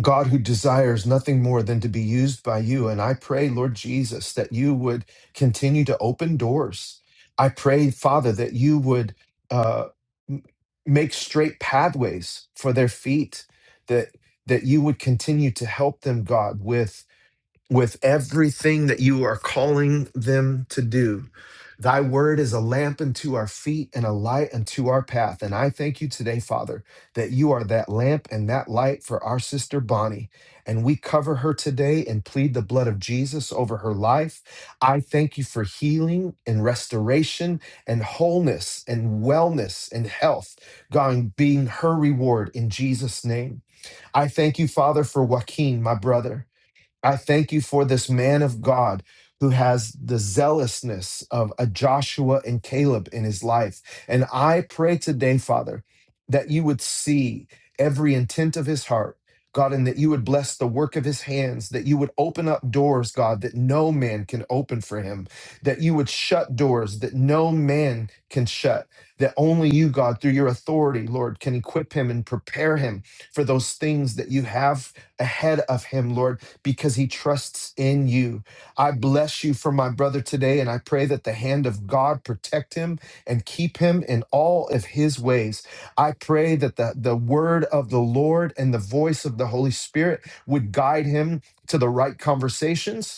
[SPEAKER 1] God who desires nothing more than to be used by you. And I pray, Lord Jesus, that you would continue to open doors. I pray, Father, that you would uh, m- make straight pathways for their feet, that that you would continue to help them, God, with with everything that you are calling them to do. Thy word is a lamp unto our feet and a light unto our path. And I thank you today, Father, that you are that lamp and that light for our sister Bonnie. And we cover her today and plead the blood of Jesus over her life. I thank you for healing and restoration and wholeness and wellness and health, God, being her reward in Jesus' name. I thank you, Father, for Joaquin, my brother. I thank you for this man of God who has the zealousness of a Joshua and Caleb in his life. And I pray today, Father, that you would see every intent of his heart. God, and that you would bless the work of his hands, that you would open up doors, God, that no man can open for him, that you would shut doors that no man can shut, that only you, God, through your authority, Lord, can equip him and prepare him for those things that you have ahead of him, Lord because he trusts in you. I bless you for my brother today, and I pray that the hand of God protect him and keep him in all of his ways. I pray that the, the word of the Lord and the voice of the Holy Spirit would guide him to the right conversations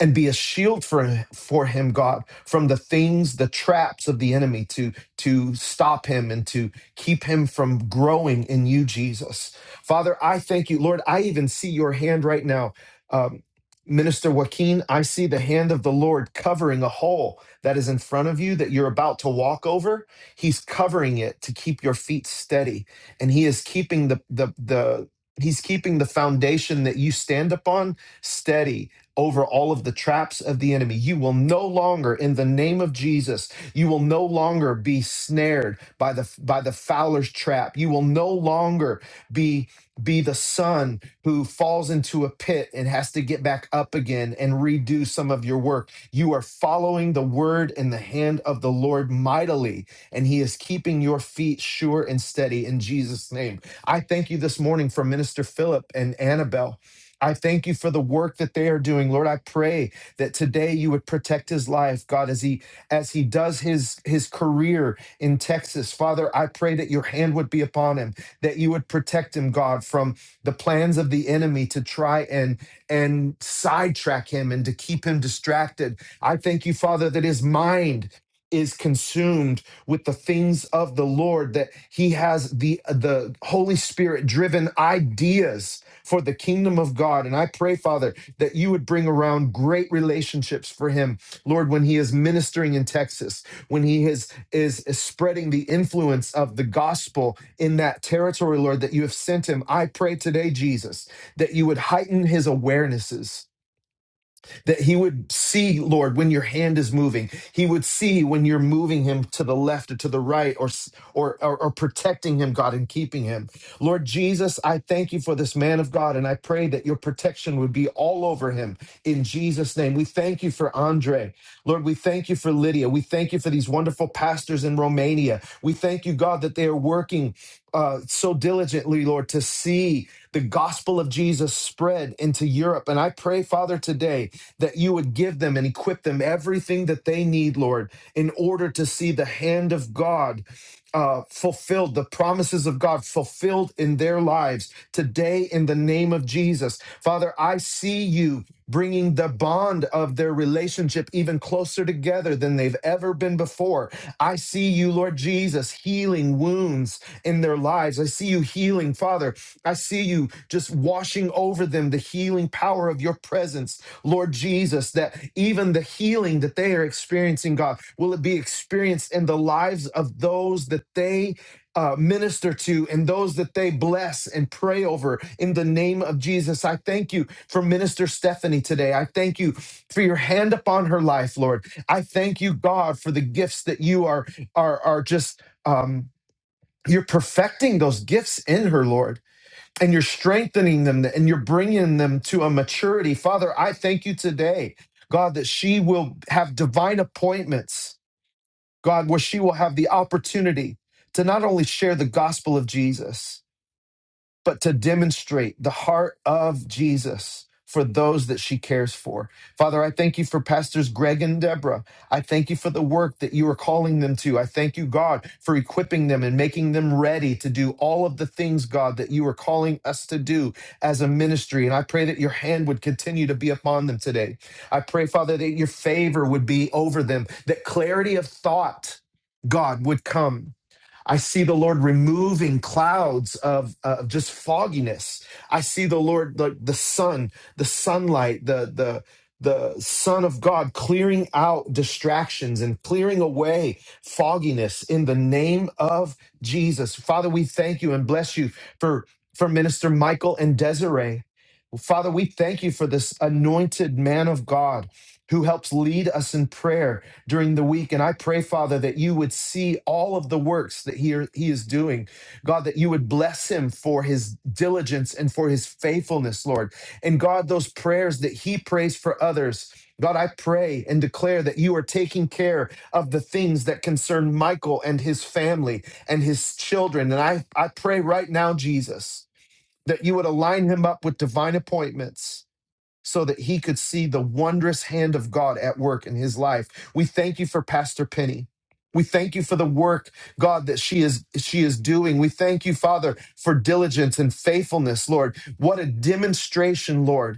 [SPEAKER 1] and be a shield for for him god from the things the traps of the enemy to to stop him and to keep him from growing in you jesus father i thank you lord i even see your hand right now um, minister joaquin i see the hand of the lord covering a hole that is in front of you that you're about to walk over he's covering it to keep your feet steady and he is keeping the the the He's keeping the foundation that you stand upon steady over all of the traps of the enemy. You will no longer, in the name of Jesus, you will no longer be snared by the by the fowler's trap. You will no longer be be the son who falls into a pit and has to get back up again and redo some of your work. You are following the word in the hand of the Lord mightily, and he is keeping your feet sure and steady in Jesus' name. I thank you this morning for Minister Philip and Annabelle I thank you for the work that they are doing. Lord, I pray that today you would protect his life, God, as he as he does his his career in Texas. Father, I pray that your hand would be upon him, that you would protect him, God, from the plans of the enemy to try and and sidetrack him and to keep him distracted. I thank you, Father, that his mind is consumed with the things of the Lord that he has the the Holy Spirit driven ideas for the kingdom of God. And I pray, Father, that you would bring around great relationships for him, Lord, when he is ministering in Texas, when he is, is, is spreading the influence of the gospel in that territory, Lord, that you have sent him. I pray today, Jesus, that you would heighten his awarenesses that he would see, Lord, when your hand is moving. He would see when you're moving him to the left or to the right or, or, or, or protecting him, God, and keeping him. Lord Jesus, I thank you for this man of God, and I pray that your protection would be all over him in Jesus' name. We thank you for Andre. Lord, we thank you for Lydia. We thank you for these wonderful pastors in Romania. We thank you, God, that they are working uh, so diligently, Lord, to see the gospel of Jesus spread into Europe. And I pray, Father, today that you would give them and equip them everything that they need, Lord, in order to see the hand of God uh, fulfilled, the promises of God fulfilled in their lives today in the name of Jesus. Father, I see you bringing the bond of their relationship even closer together than they've ever been before. I see you, Lord Jesus, healing wounds in their lives. I see you healing, Father. I see you just washing over them the healing power of your presence Lord Jesus, that even the healing that they are experiencing, God, will it be experienced in the lives of those that they uh, minister to and those that they bless and pray over in the name of Jesus? I thank you for Minister Stephanie today. I thank you for your hand upon her life, Lord. I thank you, God, for the gifts that you are are are just um, you're perfecting those gifts in her, Lord and you're strengthening them and you're bringing them to a maturity. Father, I thank you today, God, that she will have divine appointments, God, where she will have the opportunity to not only share the gospel of Jesus, but to demonstrate the heart of Jesus for those that she cares for. Father, I thank you for Pastors Greg and Deborah. I thank you for the work that you are calling them to. I thank you, God, for equipping them and making them ready to do all of the things, God, that you are calling us to do as a ministry. And I pray that your hand would continue to be upon them today. I pray, Father, that your favor would be over them, that clarity of thought, God, would come I see the Lord removing clouds of uh, of just fogginess. I see the Lord, the, the sun, the sunlight, the the the Son of God clearing out distractions and clearing away fogginess in the name of Jesus. Father, we thank you and bless you for for Minister Michael and Desiree. Father, we thank you for this anointed man of God who helps lead us in prayer during the week. And I pray, Father, that you would see all of the works that he, he is doing. God, that you would bless him for his diligence and for his faithfulness, Lord. And God, those prayers that he prays for others. God, I pray and declare that you are taking care of the things that concern Michael and his family and his children. And I, I pray right now, Jesus, that you would align him up with divine appointments so that he could see the wondrous hand of God at work in his life. We thank you for Pastor Penny. We thank you for the work, God, that she is she is doing. We thank you, Father, for diligence and faithfulness, Lord. What a demonstration, Lord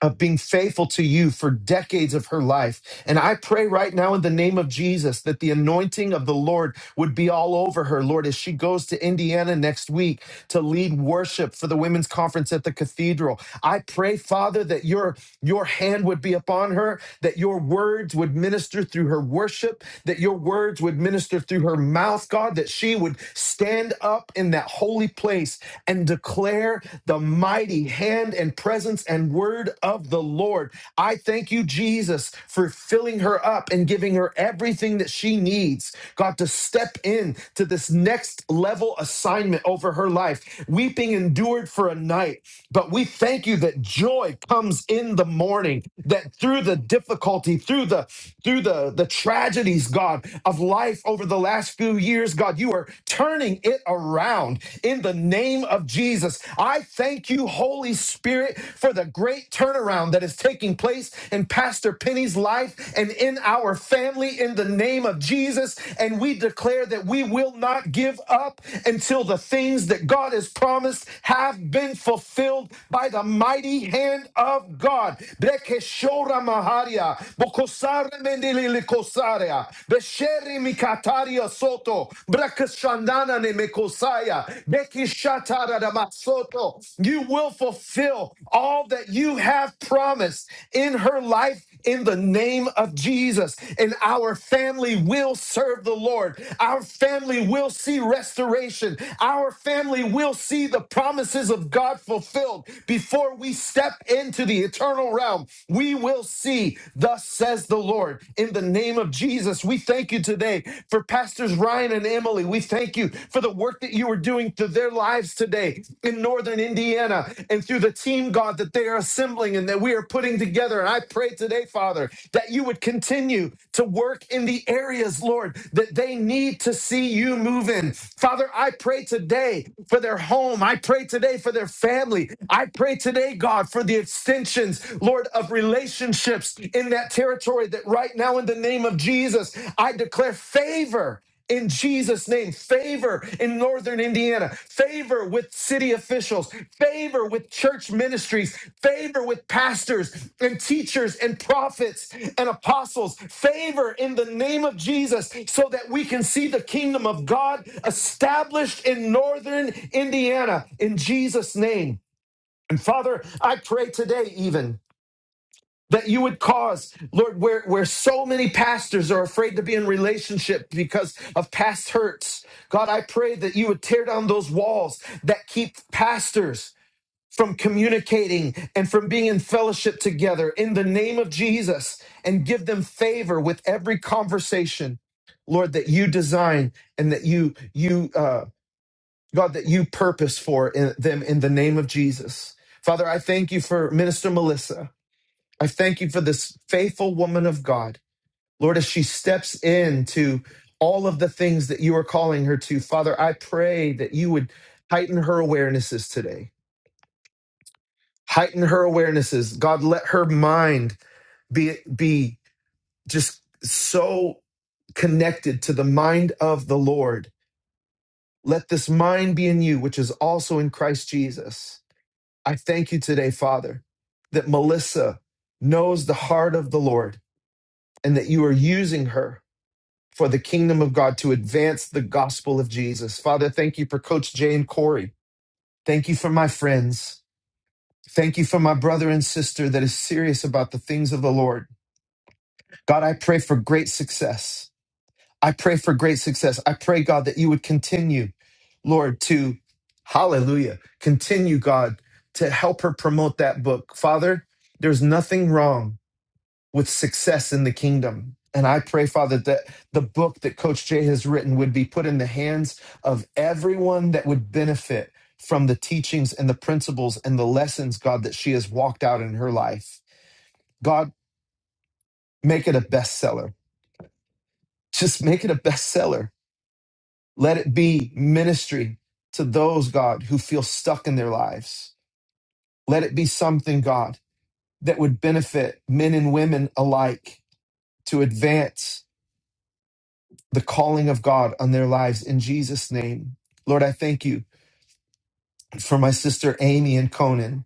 [SPEAKER 1] of being faithful to you for decades of her life. And I pray right now in the name of Jesus that the anointing of the Lord would be all over her, Lord, as she goes to Indiana next week to lead worship for the women's conference at the cathedral. I pray, Father, that your your hand would be upon her, that your words would minister through her worship, that your words would minister through her mouth, God, that she would stand up in that holy place and declare the mighty hand and presence and word of the Lord. I thank you, Jesus, for filling her up and giving her everything that she needs, God, to step in to this next level assignment over her life. Weeping endured for a night, but we thank you that joy comes in the morning, that through the difficulty, through the through the, the tragedies, God, of life over the last few years, God, you are turning it around in the name of Jesus. I thank you, Holy Spirit, for the great turnaround that is taking place in Pastor Penny's life and in our family in the name of Jesus. And we declare that we will not give up until the things that God has promised have been fulfilled by the mighty hand of God. Brekeshora maharia, bokosare mendelele kosarea, besheri mikataria Soto, Brakashandana ne Mekosaya, Beki Shatara da Masoto. You will fulfill all that you have promised in her life in the name of Jesus. And our family will serve the Lord. Our family will see restoration. Our family will see the promises of God fulfilled before we step into the eternal realm. We will see, thus says the Lord, in the name of Jesus. We thank you today for Pastors Ryan and Emily. We thank you for the work that you are doing through their lives today in Northern Indiana and through the team, God, that they are assembling and that we are putting together. And I pray today, Father, that you would continue to work in the areas, Lord, that they need to see you move in. Father, I pray today for their home. I pray today for their family. I pray today, God, for the extensions, Lord of relationships in that territory that right now in the name of Jesus I declare favor in Jesus name favor in northern Indiana favor with city officials favor with church ministries favor with pastors and teachers and prophets and apostles favor in the name of Jesus so that we can see the kingdom of God established in northern Indiana in Jesus name and Father I pray today even that you would cause, Lord, where, where so many pastors are afraid to be in relationship because of past hurts. God, I pray that you would tear down those walls that keep pastors from communicating and from being in fellowship together in the name of Jesus and give them favor with every conversation, Lord, that you design and that you, you, uh, God, that you purpose for in, them in the name of Jesus. Father, I thank you for Minister Melissa. I thank you for this faithful woman of God. Lord, as she steps into all of the things that you are calling her to, Father, I pray that you would heighten her awarenesses today. Heighten her awarenesses. God, let her mind be, be just so connected to the mind of the Lord. Let this mind be in you, which is also in Christ Jesus. I thank you today, Father, that Melissa knows the heart of the Lord and that you are using her for the kingdom of God to advance the gospel of Jesus. Father, thank you for Coach Jay and Corey. Thank you for my friends. Thank you for my brother and sister that is serious about the things of the Lord. God, I pray for great success. I pray for great success. I pray, God, that you would continue, Lord, to, hallelujah, continue, God, to help her promote that book. Father, there's nothing wrong with success in the kingdom. And I pray, Father, that the book that Coach Jay has written would be put in the hands of everyone that would benefit from the teachings and the principles and the lessons, God, that she has walked out in her life. God, make it a bestseller. Just make it a bestseller. Let it be ministry to those, God, who feel stuck in their lives. Let it be something, God, that would benefit men and women alike to advance the calling of God on their lives in Jesus' name. Lord, I thank you for my sister Amy and Conan,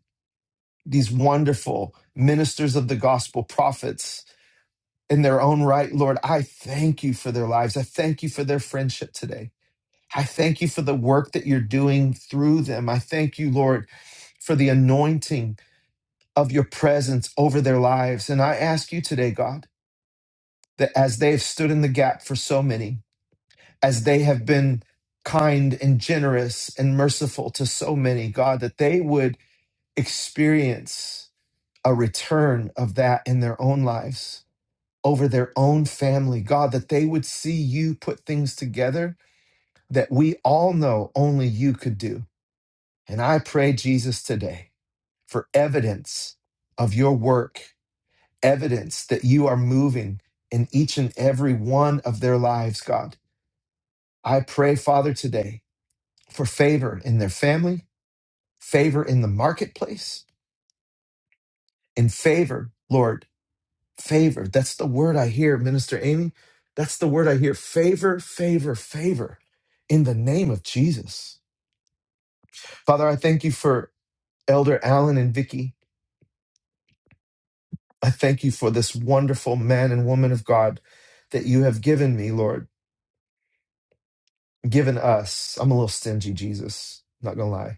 [SPEAKER 1] these wonderful ministers of the gospel, prophets in their own right. Lord, I thank you for their lives. I thank you for their friendship today. I thank you for the work that you're doing through them. I thank you, Lord, for the anointing of your presence over their lives. And I ask you today, God, that as they have stood in the gap for so many, as they have been kind and generous and merciful to so many, God, that they would experience a return of that in their own lives, over their own family. God, that they would see you put things together that we all know only you could do. And I pray, Jesus, today for evidence of your work, evidence that you are moving in each and every one of their lives, God. I pray, Father, today for favor in their family, favor in the marketplace, and favor, Lord, favor. That's the word I hear, Minister Amy. That's the word I hear favor, favor, favor in the name of Jesus. Father, I thank you for Elder Allen and Vicky. I thank you for this wonderful man and woman of God that you have given me, Lord, given us. I'm a little stingy, Jesus, not gonna lie,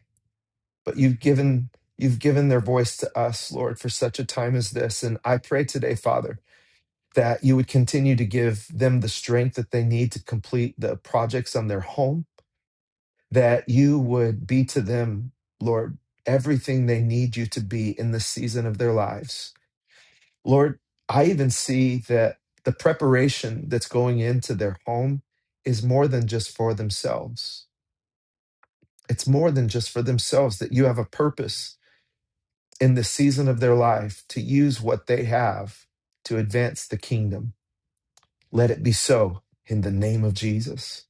[SPEAKER 1] but you've given you've given their voice to us, Lord, for such a time as this. And I pray today, Father that you would continue to give them the strength that they need to complete the projects on their home, that you would be to them, Lord, everything they need you to be in the season of their lives. Lord, I even see that the preparation that's going into their home is more than just for themselves. It's more than just for themselves, that you have a purpose in the season of their life to use what they have to advance the kingdom. Let it be so in the name of Jesus.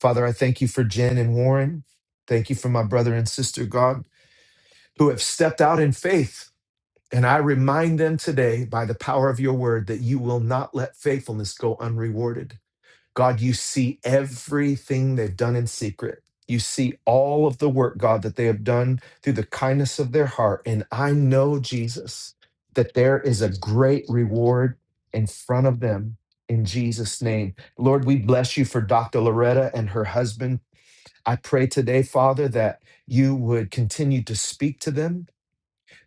[SPEAKER 1] Father, I thank you for Jen and Warren. Thank you for my brother and sister, God, who have stepped out in faith. And I remind them today, by the power of your word, that you will not let faithfulness go unrewarded. God, you see everything they've done in secret. You see all of the work, God, that they have done through the kindness of their heart. And I know, Jesus, that there is a great reward in front of them in Jesus' name. Lord, we bless you for Dr. Loretta and her husband. I pray today, Father, that you would continue to speak to them,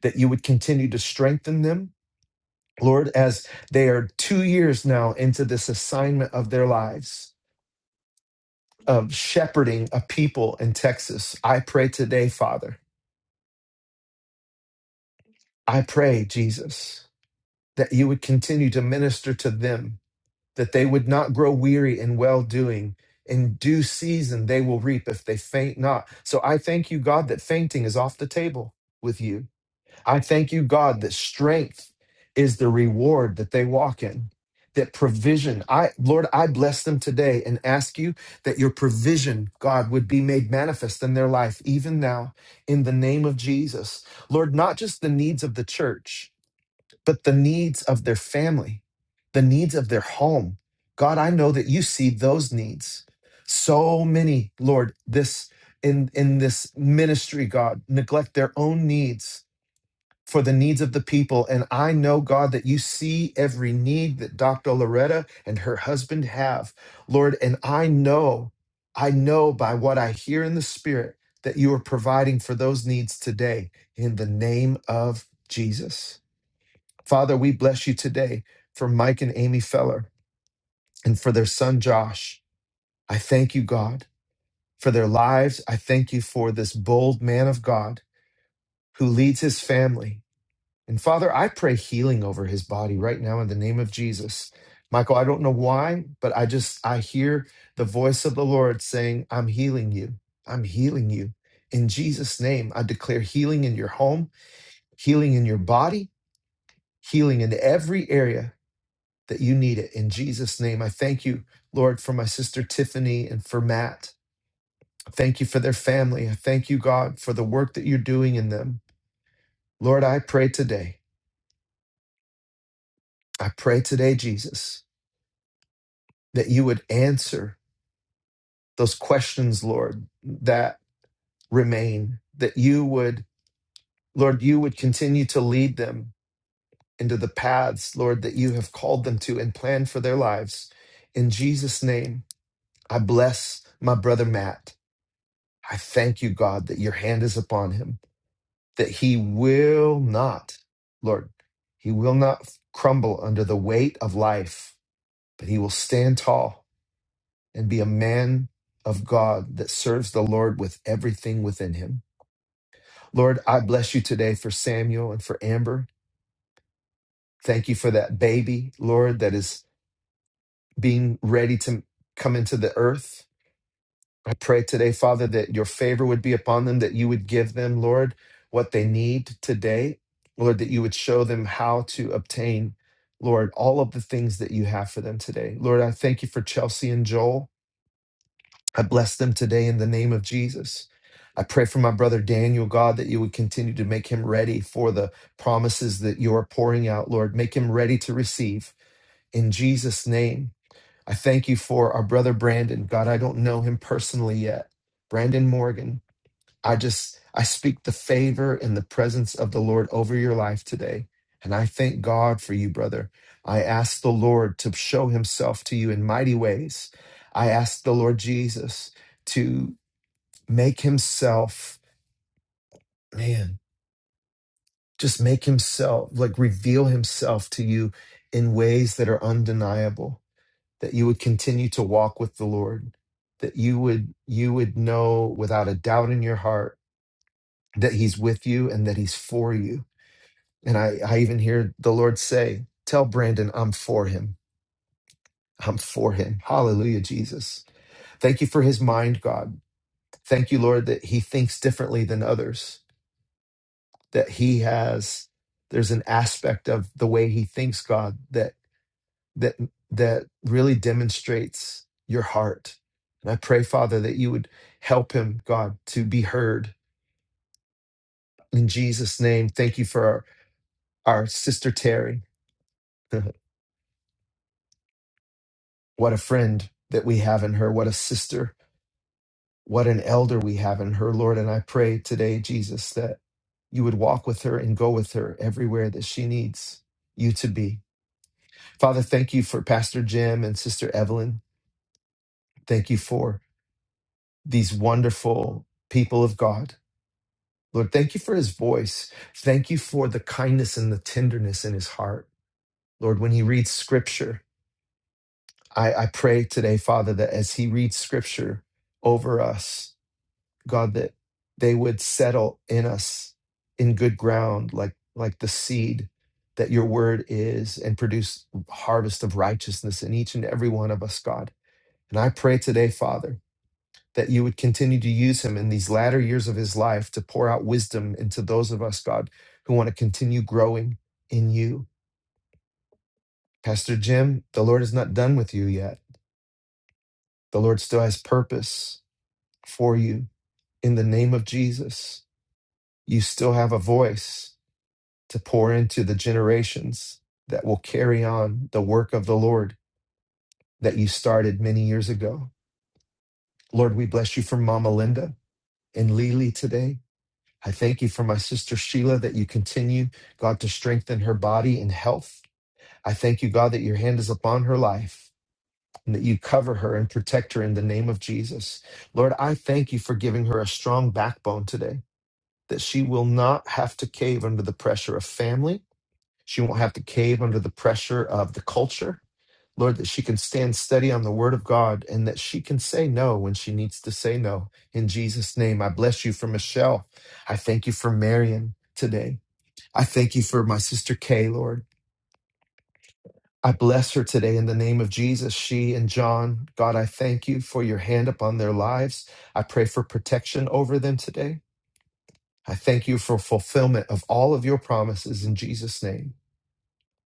[SPEAKER 1] that you would continue to strengthen them, Lord, as they are two years now into this assignment of their lives of shepherding a people in Texas. I pray today, Father, I pray, Jesus, that you would continue to minister to them, that they would not grow weary in well doing. In due season, they will reap if they faint not. So I thank you, God, that fainting is off the table with you I thank you, God, that strength is the reward that they walk in. That provision, I Lord, I bless them today and ask you that your provision, God, would be made manifest in their life, even now, in the name of Jesus. Lord, not just the needs of the church, but the needs of their family, the needs of their home. God, I know that you see those needs. So many, Lord, this in in this ministry, God, neglect their own needs for the needs of the people. And I know, God, that you see every need that Dr. Loretta and her husband have, Lord. And I know, I know by what I hear in the Spirit that you are providing for those needs today in the name of Jesus. Father, we bless you today for Mike and Amy Feller and for their son, Josh. I thank you, God, for their lives. I thank you for this bold man of God who leads his family And Father, I pray healing over his body right now in the name of Jesus. Michael, I don't know why, but I just I hear the voice of the Lord saying, "I'm healing you. I'm healing you." In Jesus name, I declare healing in your home, healing in your body, healing in every area that you need it. In Jesus name, I thank you, Lord, for my sister Tiffany and for Matt. I Thank you for their family. I thank you, God, for the work that you're doing in them. Lord, I pray today. I pray today, Jesus. that you would answer those questions, Lord, that remain, that you would, Lord, you would continue to lead them into the paths, Lord, that you have called them to and planned for their lives. In Jesus' name, I bless my brother Matt. I thank you, God, that your hand is upon him, that he will not, Lord, he will not crumble under the weight of life, but he will stand tall and be a man of God that serves the Lord with everything within him. Lord, I bless you today for Samuel and for Amber. Thank you for that baby, Lord, that is being ready to come into the earth. I pray today, Father, that your favor would be upon them, that you would give them, Lord, what they need today. Lord, that you would show them how to obtain, Lord, all of the things that you have for them today. Lord, I thank you for Chelsea and Joel. I bless them today in the name of Jesus. I pray for my brother Daniel, God, that you would continue to make him ready for the promises that you are pouring out, Lord. Make him ready to receive in Jesus' name. I thank you for our brother Brandon. God, I don't know him personally yet. Brandon Morgan, I just I speak the favor and the presence of the Lord over your life today. And I thank God for you, brother. I ask the Lord to show himself to you in mighty ways. I ask the Lord Jesus to make himself, man, just make himself, like reveal himself to you in ways that are undeniable, that you would continue to walk with the Lord, that you would you would know without a doubt in your heart that he's with you and that he's for you And I, I even hear the Lord say, Tell Brandon, I'm for him. I'm for him. Hallelujah, Jesus. Thank you for his mind, God. Thank you, Lord, that he thinks differently than others, that he has, there's an aspect of the way he thinks, God, that, that, that really demonstrates your heart. And I pray, Father, that you would help him, God, to be heard. In Jesus' name, thank you for our, our sister Terry. what a friend that we have in her. What a sister What an elder we have in her, Lord. And I pray today, Jesus, that you would walk with her and go with her everywhere that she needs you to be. Father, thank you for Pastor Jim and Sister Evelyn. Thank you for these wonderful people of God. Lord, thank you for his voice. Thank you for the kindness and the tenderness in his heart. Lord, when he reads scripture, I, I pray today, Father, that as he reads scripture over us, God, that they would settle in us in good ground, like like the seed that your word is, and produce harvest of righteousness in each and every one of us, God. And I pray today, Father, that you would continue to use him in these latter years of his life to pour out wisdom into those of us, God, who want to continue growing in you. Pastor Jim, the Lord is not done with you yet. The Lord still has purpose for you. In the name of Jesus, you still have a voice to pour into the generations that will carry on the work of the Lord that you started many years ago. Lord, we bless you for Mama Linda and Lily today. I thank you for my sister Sheila that you continue, God, to strengthen her body and health. I thank you, God, that your hand is upon her life and that you cover her and protect her in the name of Jesus. Lord, I thank you for giving her a strong backbone today, that she will not have to cave under the pressure of family She won't have to cave under the pressure of the culture. Lord, that she can stand steady on the word of God and that she can say no when she needs to say no. In Jesus' name, I bless you for Michelle. I thank you for Marion today. I thank you for my sister Kay, Lord. I bless her today in the name of Jesus. She and John, God, I thank you for your hand upon their lives. I pray for protection over them today. I thank you for fulfillment of all of your promises in Jesus' name.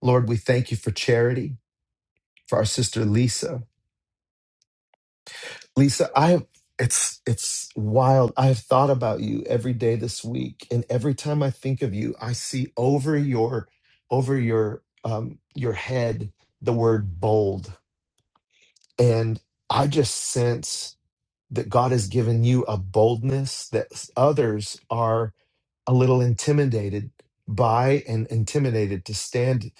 [SPEAKER 1] Lord, we thank you for charity. for our sister Lisa. Lisa, I have it's it's wild. I have thought about you every day this week, and every time I think of you, I see over your over your um your head the word bold. And I just sense that God has given you a boldness that others are a little intimidated by and intimidated to stand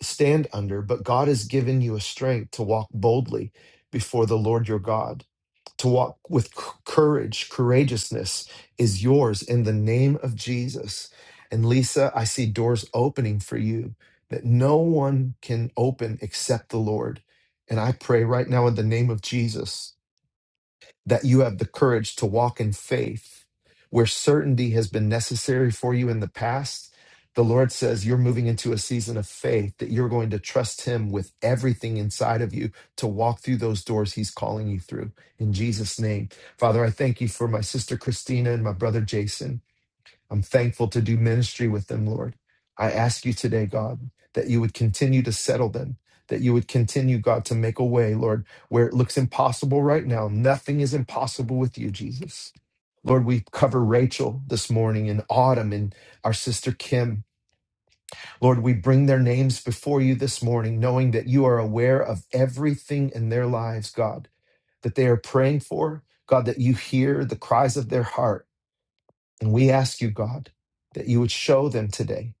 [SPEAKER 1] stand under, but God has given you a strength to walk boldly before the Lord your God to walk with c- courage, courageousness is yours in the name of Jesus. And Lisa, I see doors opening for you that no one can open except the Lord. And I pray right now in the name of Jesus that you have the courage to walk in faith where certainty has been necessary for you in the past. The Lord says you're moving into a season of faith that you're going to trust Him with everything inside of you to walk through those doors He's calling you through. In Jesus' name, Father, I thank you for my sister Christina and my brother Jason. I'm thankful to do ministry with them, Lord. I ask you today, God, that you would continue to settle them, that you would continue, God, to make a way, Lord, where it looks impossible right now. Nothing is impossible with you, Jesus. Lord, we cover Rachel this morning and Autumn and our sister Kim. Lord, we bring their names before you this morning, knowing that you are aware of everything in their lives, God, that they are praying for. God, that you hear the cries of their heart and we ask you, God, that you would show them today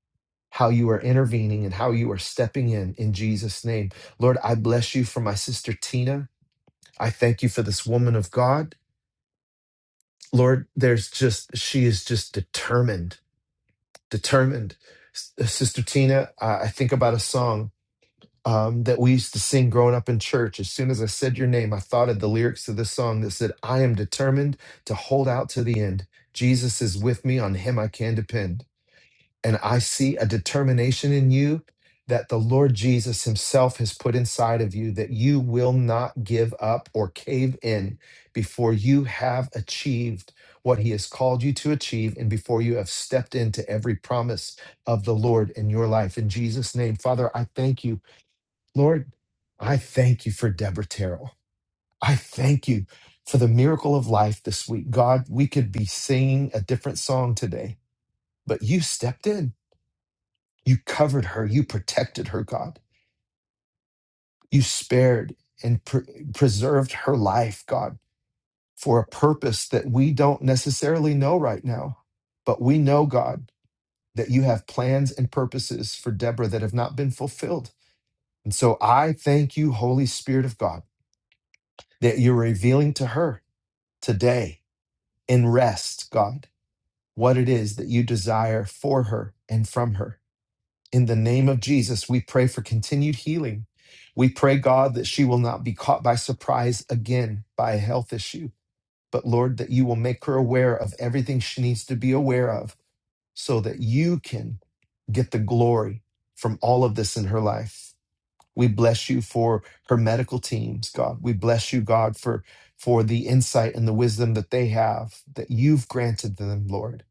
[SPEAKER 1] how you are intervening and how you are stepping in in Jesus' name. Lord, I bless you for my sister Tina. I thank you for this woman of God. Lord, there's just, she is just determined, determined. S- uh, Sister Tina, I I think about a song um, that we used to sing growing up in church. As soon as I said your name, I thought of the lyrics to this song that said, I am determined to hold out to the end. Jesus is with me, on him I can depend. And I see a determination in you that the Lord Jesus Himself has put inside of you that you will not give up or cave in before you have achieved what He has called you to achieve and before you have stepped into every promise of the Lord in your life. In Jesus' name, Father, I thank you. Lord, I thank you for Deborah Terrell. I thank you for the miracle of life this week. God, we could be singing a different song today, but you stepped in. You covered her. You protected her, God. You spared and pre- preserved her life, God, for a purpose that we don't necessarily know right now. But we know, God, that you have plans and purposes for Deborah that have not been fulfilled. And so I thank you, Holy Spirit of God, that you're revealing to her today in rest, God, what it is that you desire for her and from her. In the name of Jesus, we pray for continued healing. We pray, God, that she will not be caught by surprise again by a health issue, but Lord, that you will make her aware of everything she needs to be aware of so that you can get the glory from all of this in her life. We bless you for her medical teams, God. We bless you, God, for for the insight and the wisdom that they have that you've granted them, Lord.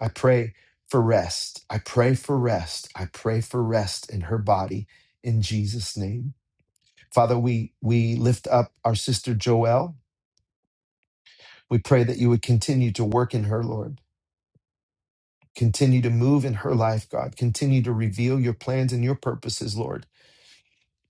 [SPEAKER 1] I pray for rest. I pray for rest. I pray for rest in her body in Jesus' name. Father, we, we lift up our sister Joelle. We pray that you would continue to work in her, Lord. Continue to move in her life, God. Continue to reveal your plans and your purposes, Lord.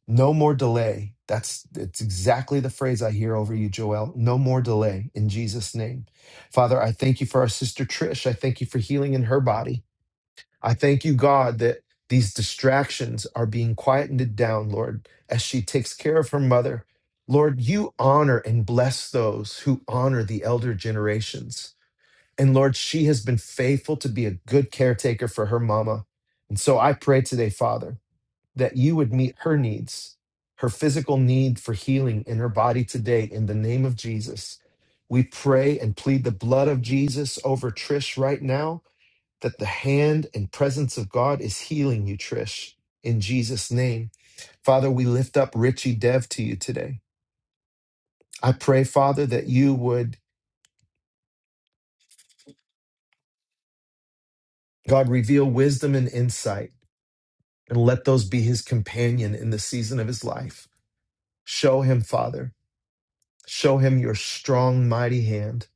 [SPEAKER 1] No more delay. That's, that's exactly the phrase I hear over you, Joelle. No more delay in Jesus' name. Father, I thank you for our sister Trish. I thank you for healing in her body. I thank you, God, that these distractions are being quietened down, Lord, as she takes care of her mother. Lord, you honor and bless those who honor the elder generations. And Lord, she has been faithful to be a good caretaker for her mama. And so I pray today, Father, that you would meet her needs, her physical need for healing in her body today, in the name of Jesus. We pray and plead the blood of Jesus over Trish right now that the hand and presence of God is healing you, Trish, in Jesus' name. Father, we lift up Richie Dev to you today. I pray, Father, that you would, God, reveal wisdom and insight and let those be his companion in the season of his life. Show him, Father, show him your strong, mighty hand.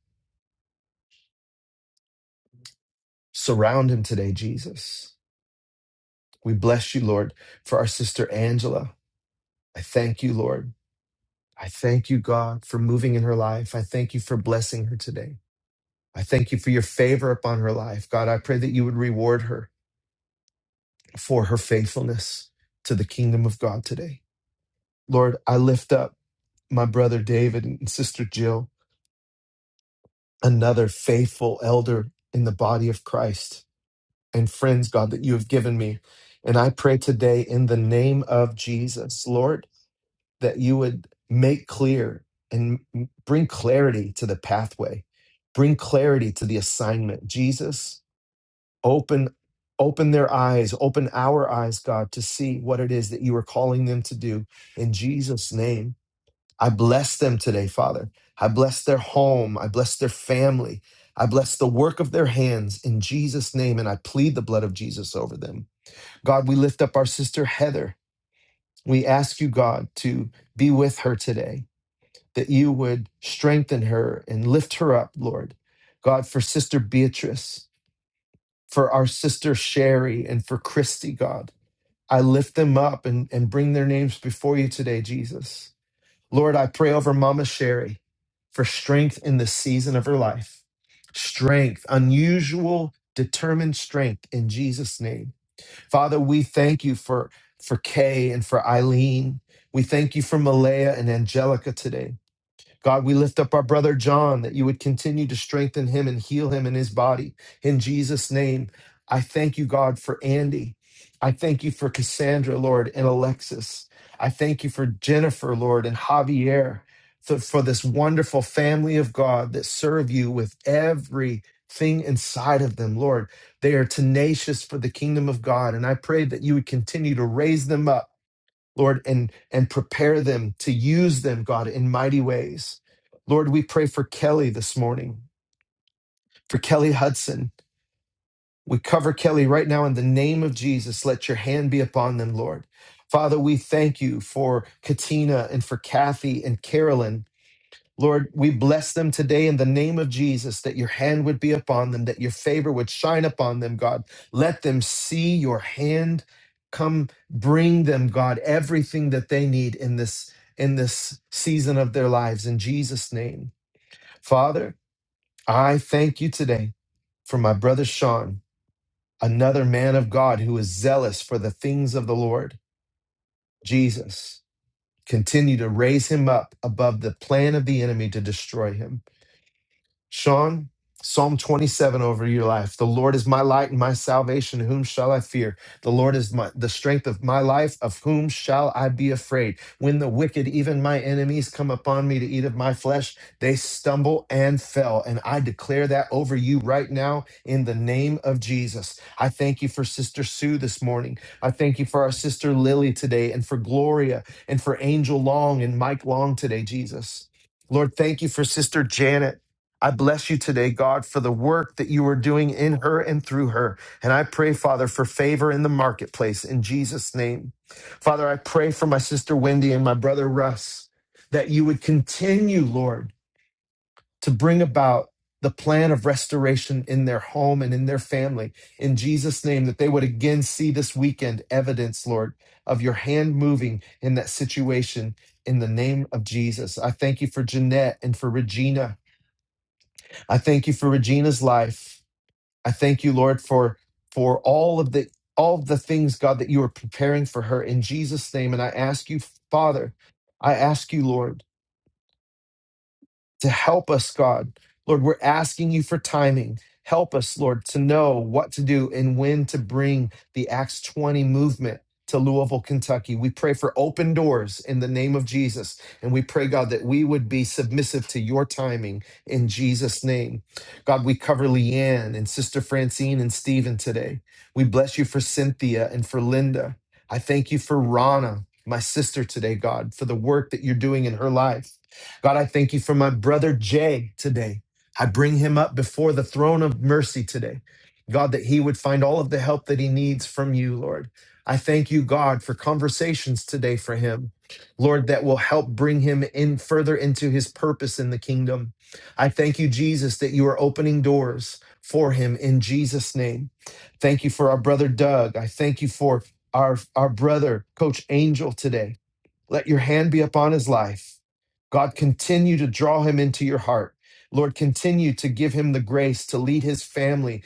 [SPEAKER 1] Surround him today, Jesus. We bless you, Lord, for our sister Angela. I thank you, Lord. I thank you, God, for moving in her life. I thank you for blessing her today. I thank you for your favor upon her life. God, I pray that you would reward her for her faithfulness to the kingdom of God today. Lord, I lift up my brother David and sister Jill, another faithful elder in the body of Christ and friends, God, that you have given me. And I pray today in the name of Jesus, Lord, that you would make clear and bring clarity to the pathway, bring clarity to the assignment. Jesus, open open their eyes open our eyes god to see what it is that you are calling them to do in jesus name i bless them today father i bless their home i bless their family i bless the work of their hands in jesus name and i plead the blood of jesus over them god we lift up our sister heather we ask you god to be with her today that you would strengthen her and lift her up lord god for sister beatrice for our sister Sherry and for Christy, God. I lift them up and, and bring their names before you today, Jesus. Lord, I pray over Mama Sherry for strength in this season of her life. Strength, unusual, determined strength in Jesus' name. Father, we thank you for, for Kay and for Eileen. We thank you for Malaya and Angelica today. God, we lift up our brother John that you would continue to strengthen him and heal him in his body. In Jesus' name, I thank you, God, for Andy. I thank you for Cassandra, Lord, and Alexis. I thank you for Jennifer, Lord, and Javier, for, for this wonderful family of God that serve you with everything inside of them, Lord. They are tenacious for the kingdom of God. And I pray that you would continue to raise them up Lord, and, and prepare them to use them, God, in mighty ways. Lord, we pray for Kelly this morning, for Kelly Hudson. We cover Kelly right now in the name of Jesus. Let your hand be upon them, Lord. Father, we thank you for Katina and for Kathy and Carolyn. Lord, we bless them today in the name of Jesus that your hand would be upon them, that your favor would shine upon them, God. Let them see your hand come bring them, God, everything that they need in this in this season of their lives in Jesus name. Father, I thank you today for my brother Sean, another man of God who is zealous for the things of the Lord. Jesus, continue to raise him up above the plan of the enemy to destroy him. Sean, Psalm 27 over your life. The Lord is my light and my salvation. Whom shall I fear? The Lord is my, the strength of my life. Of whom shall I be afraid? When the wicked, even my enemies, come upon me to eat of my flesh, they stumble and fell. And I declare that over you right now in the name of Jesus. I thank you for Sister Sue this morning. I thank you for our sister Lily today and for Gloria and for Angel Long and Mike Long today, Jesus. Lord, thank you for Sister Janet. I bless you today, God, for the work that you are doing in her and through her. And I pray, Father, for favor in the marketplace in Jesus' name. Father, I pray for my sister Wendy and my brother Russ that you would continue, Lord, to bring about the plan of restoration in their home and in their family in Jesus' name, that they would again see this weekend evidence, Lord, of your hand moving in that situation in the name of Jesus. I thank you for Jeanette and for Regina. I thank you for Regina's life. I thank you, Lord, for for all of the all of the things, God, that you are preparing for her in Jesus' name. And I ask you, Father, I ask you, Lord to help us, God. Lord, we're asking you for timing. Help us, Lord, to know what to do and when to bring the Acts 20 movement to Louisville, Kentucky. We pray for open doors in the name of Jesus. And we pray, God, that we would be submissive to your timing in Jesus' name. God, we cover Leanne and Sister Francine and Stephen today. We bless you for Cynthia and for Linda. I thank you for Rana, my sister today, God, for the work that you're doing in her life. God, I thank you for my brother Jay today. I bring him up before the throne of mercy today. God, that he would find all of the help that he needs from you, Lord. I thank you, God, for conversations today for him, Lord, that will help bring him in further into his purpose in the kingdom. I thank you, Jesus, that you are opening doors for him in Jesus' name. Thank you for our brother Doug. I thank you for our, our brother, Coach Angel, today. Let your hand be upon his life. God, continue to draw him into your heart. Lord, continue to give him the grace to lead his family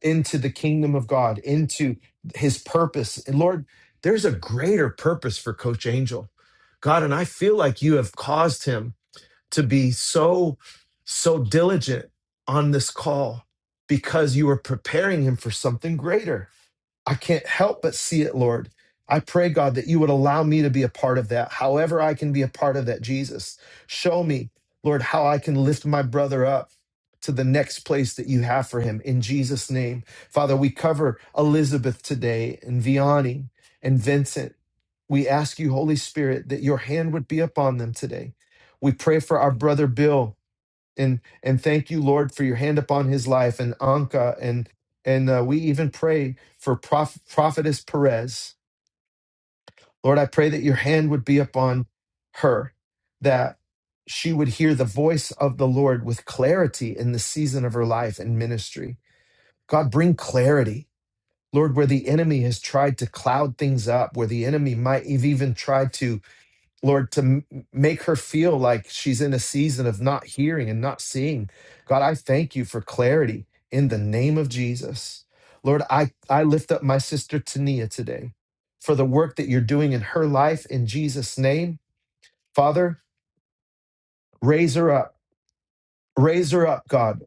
[SPEAKER 1] into the kingdom of God, into his purpose. And Lord, there's a greater purpose for Coach Angel. God, and I feel like you have caused him to be so, so diligent on this call because you are preparing him for something greater. I can't help but see it, Lord. I pray, God, that you would allow me to be a part of that. However, I can be a part of that, Jesus. Show me, Lord, how I can lift my brother up to the next place that you have for him in Jesus' name. Father, we cover Elizabeth today and Vianney and Vincent. We ask you, Holy Spirit, that your hand would be upon them today. We pray for our brother Bill and and thank you lord for your hand upon his life and anka and and uh, we even pray for Proph- prophetess perez lord i pray that your hand would be upon her that she would hear the voice of the lord with clarity in the season of her life and ministry god bring clarity lord where the enemy has tried to cloud things up where the enemy might have even tried to Lord, to m- make her feel like she's in a season of not hearing and not seeing. God, I thank you for clarity in the name of Jesus. Lord, I, I lift up my sister Tania today for the work that you're doing in her life in Jesus' name. Father, raise her up. Raise her up, God,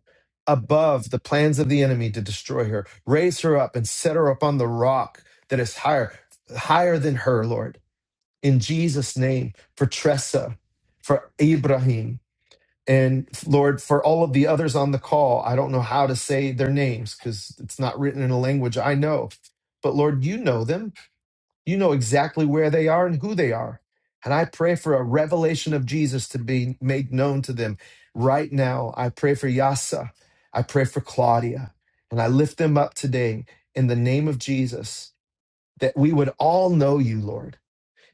[SPEAKER 1] above the plans of the enemy to destroy her. Raise her up and set her up on the rock that is higher, higher than her, Lord. In Jesus' name, for Tressa, for Ibrahim, And Lord, for all of the others on the call, I don't know how to say their names because it's not written in a language I know. But Lord, you know them. You know exactly where they are and who they are. And I pray for a revelation of Jesus to be made known to them right now. I pray for Yasa. I pray for Claudia. And I lift them up today in the name of Jesus that we would all know you, Lord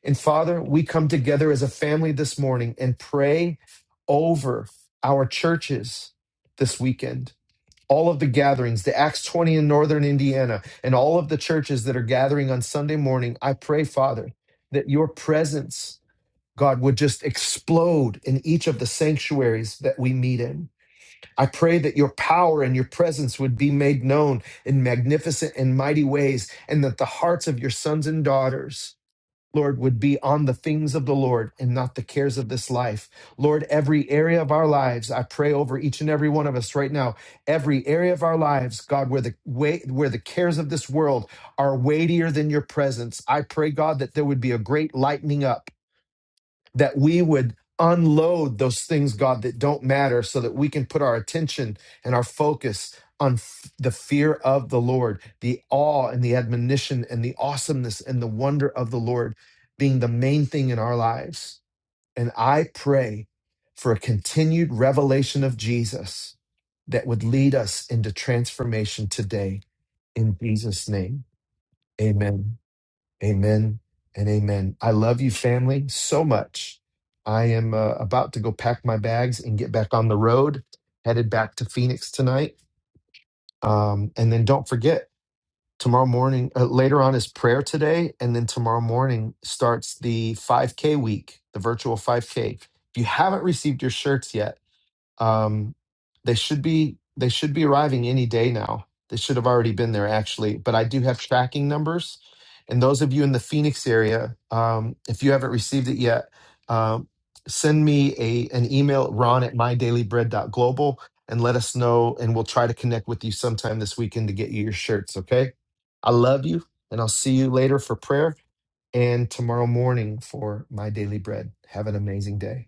[SPEAKER 1] and Father, we come together as a family this morning and pray over our churches this weekend. All of the gatherings, the Acts 20 in Northern Indiana, and all of the churches that are gathering on Sunday morning, I pray, Father, that your presence, God, would just explode in each of the sanctuaries that we meet in. I pray that your power and your presence would be made known in magnificent and mighty ways, and that the hearts of your sons and daughters Lord, would be on the things of the Lord and not the cares of this life. Lord, every area of our lives, I pray over each and every one of us right now. Every area of our lives, God, where the weight, where the cares of this world are weightier than your presence, I pray, God, that there would be a great lightening up that we would unload those things, God, that don't matter so that we can put our attention and our focus on f- the fear of the Lord, the awe and the admonition and the awesomeness and the wonder of the Lord being the main thing in our lives. And I pray for a continued revelation of Jesus that would lead us into transformation today. In Jesus' name, amen. Amen and amen. I love you, family, so much. I am uh, about to go pack my bags and get back on the road, headed back to Phoenix tonight. Um, and then don't forget, tomorrow morning, uh, later on is prayer today. And then tomorrow morning starts the 5K week, the virtual 5K. If you haven't received your shirts yet, um, they should be they should be arriving any day now. They should have already been there actually, but I do have tracking numbers. And those of you in the Phoenix area, um, if you haven't received it yet, um, send me a an email ron at mydailybread.global and let us know and we'll try to connect with you sometime this weekend to get you your shirts, okay? I love you and I'll see you later for prayer and tomorrow morning for my daily bread. Have an amazing day.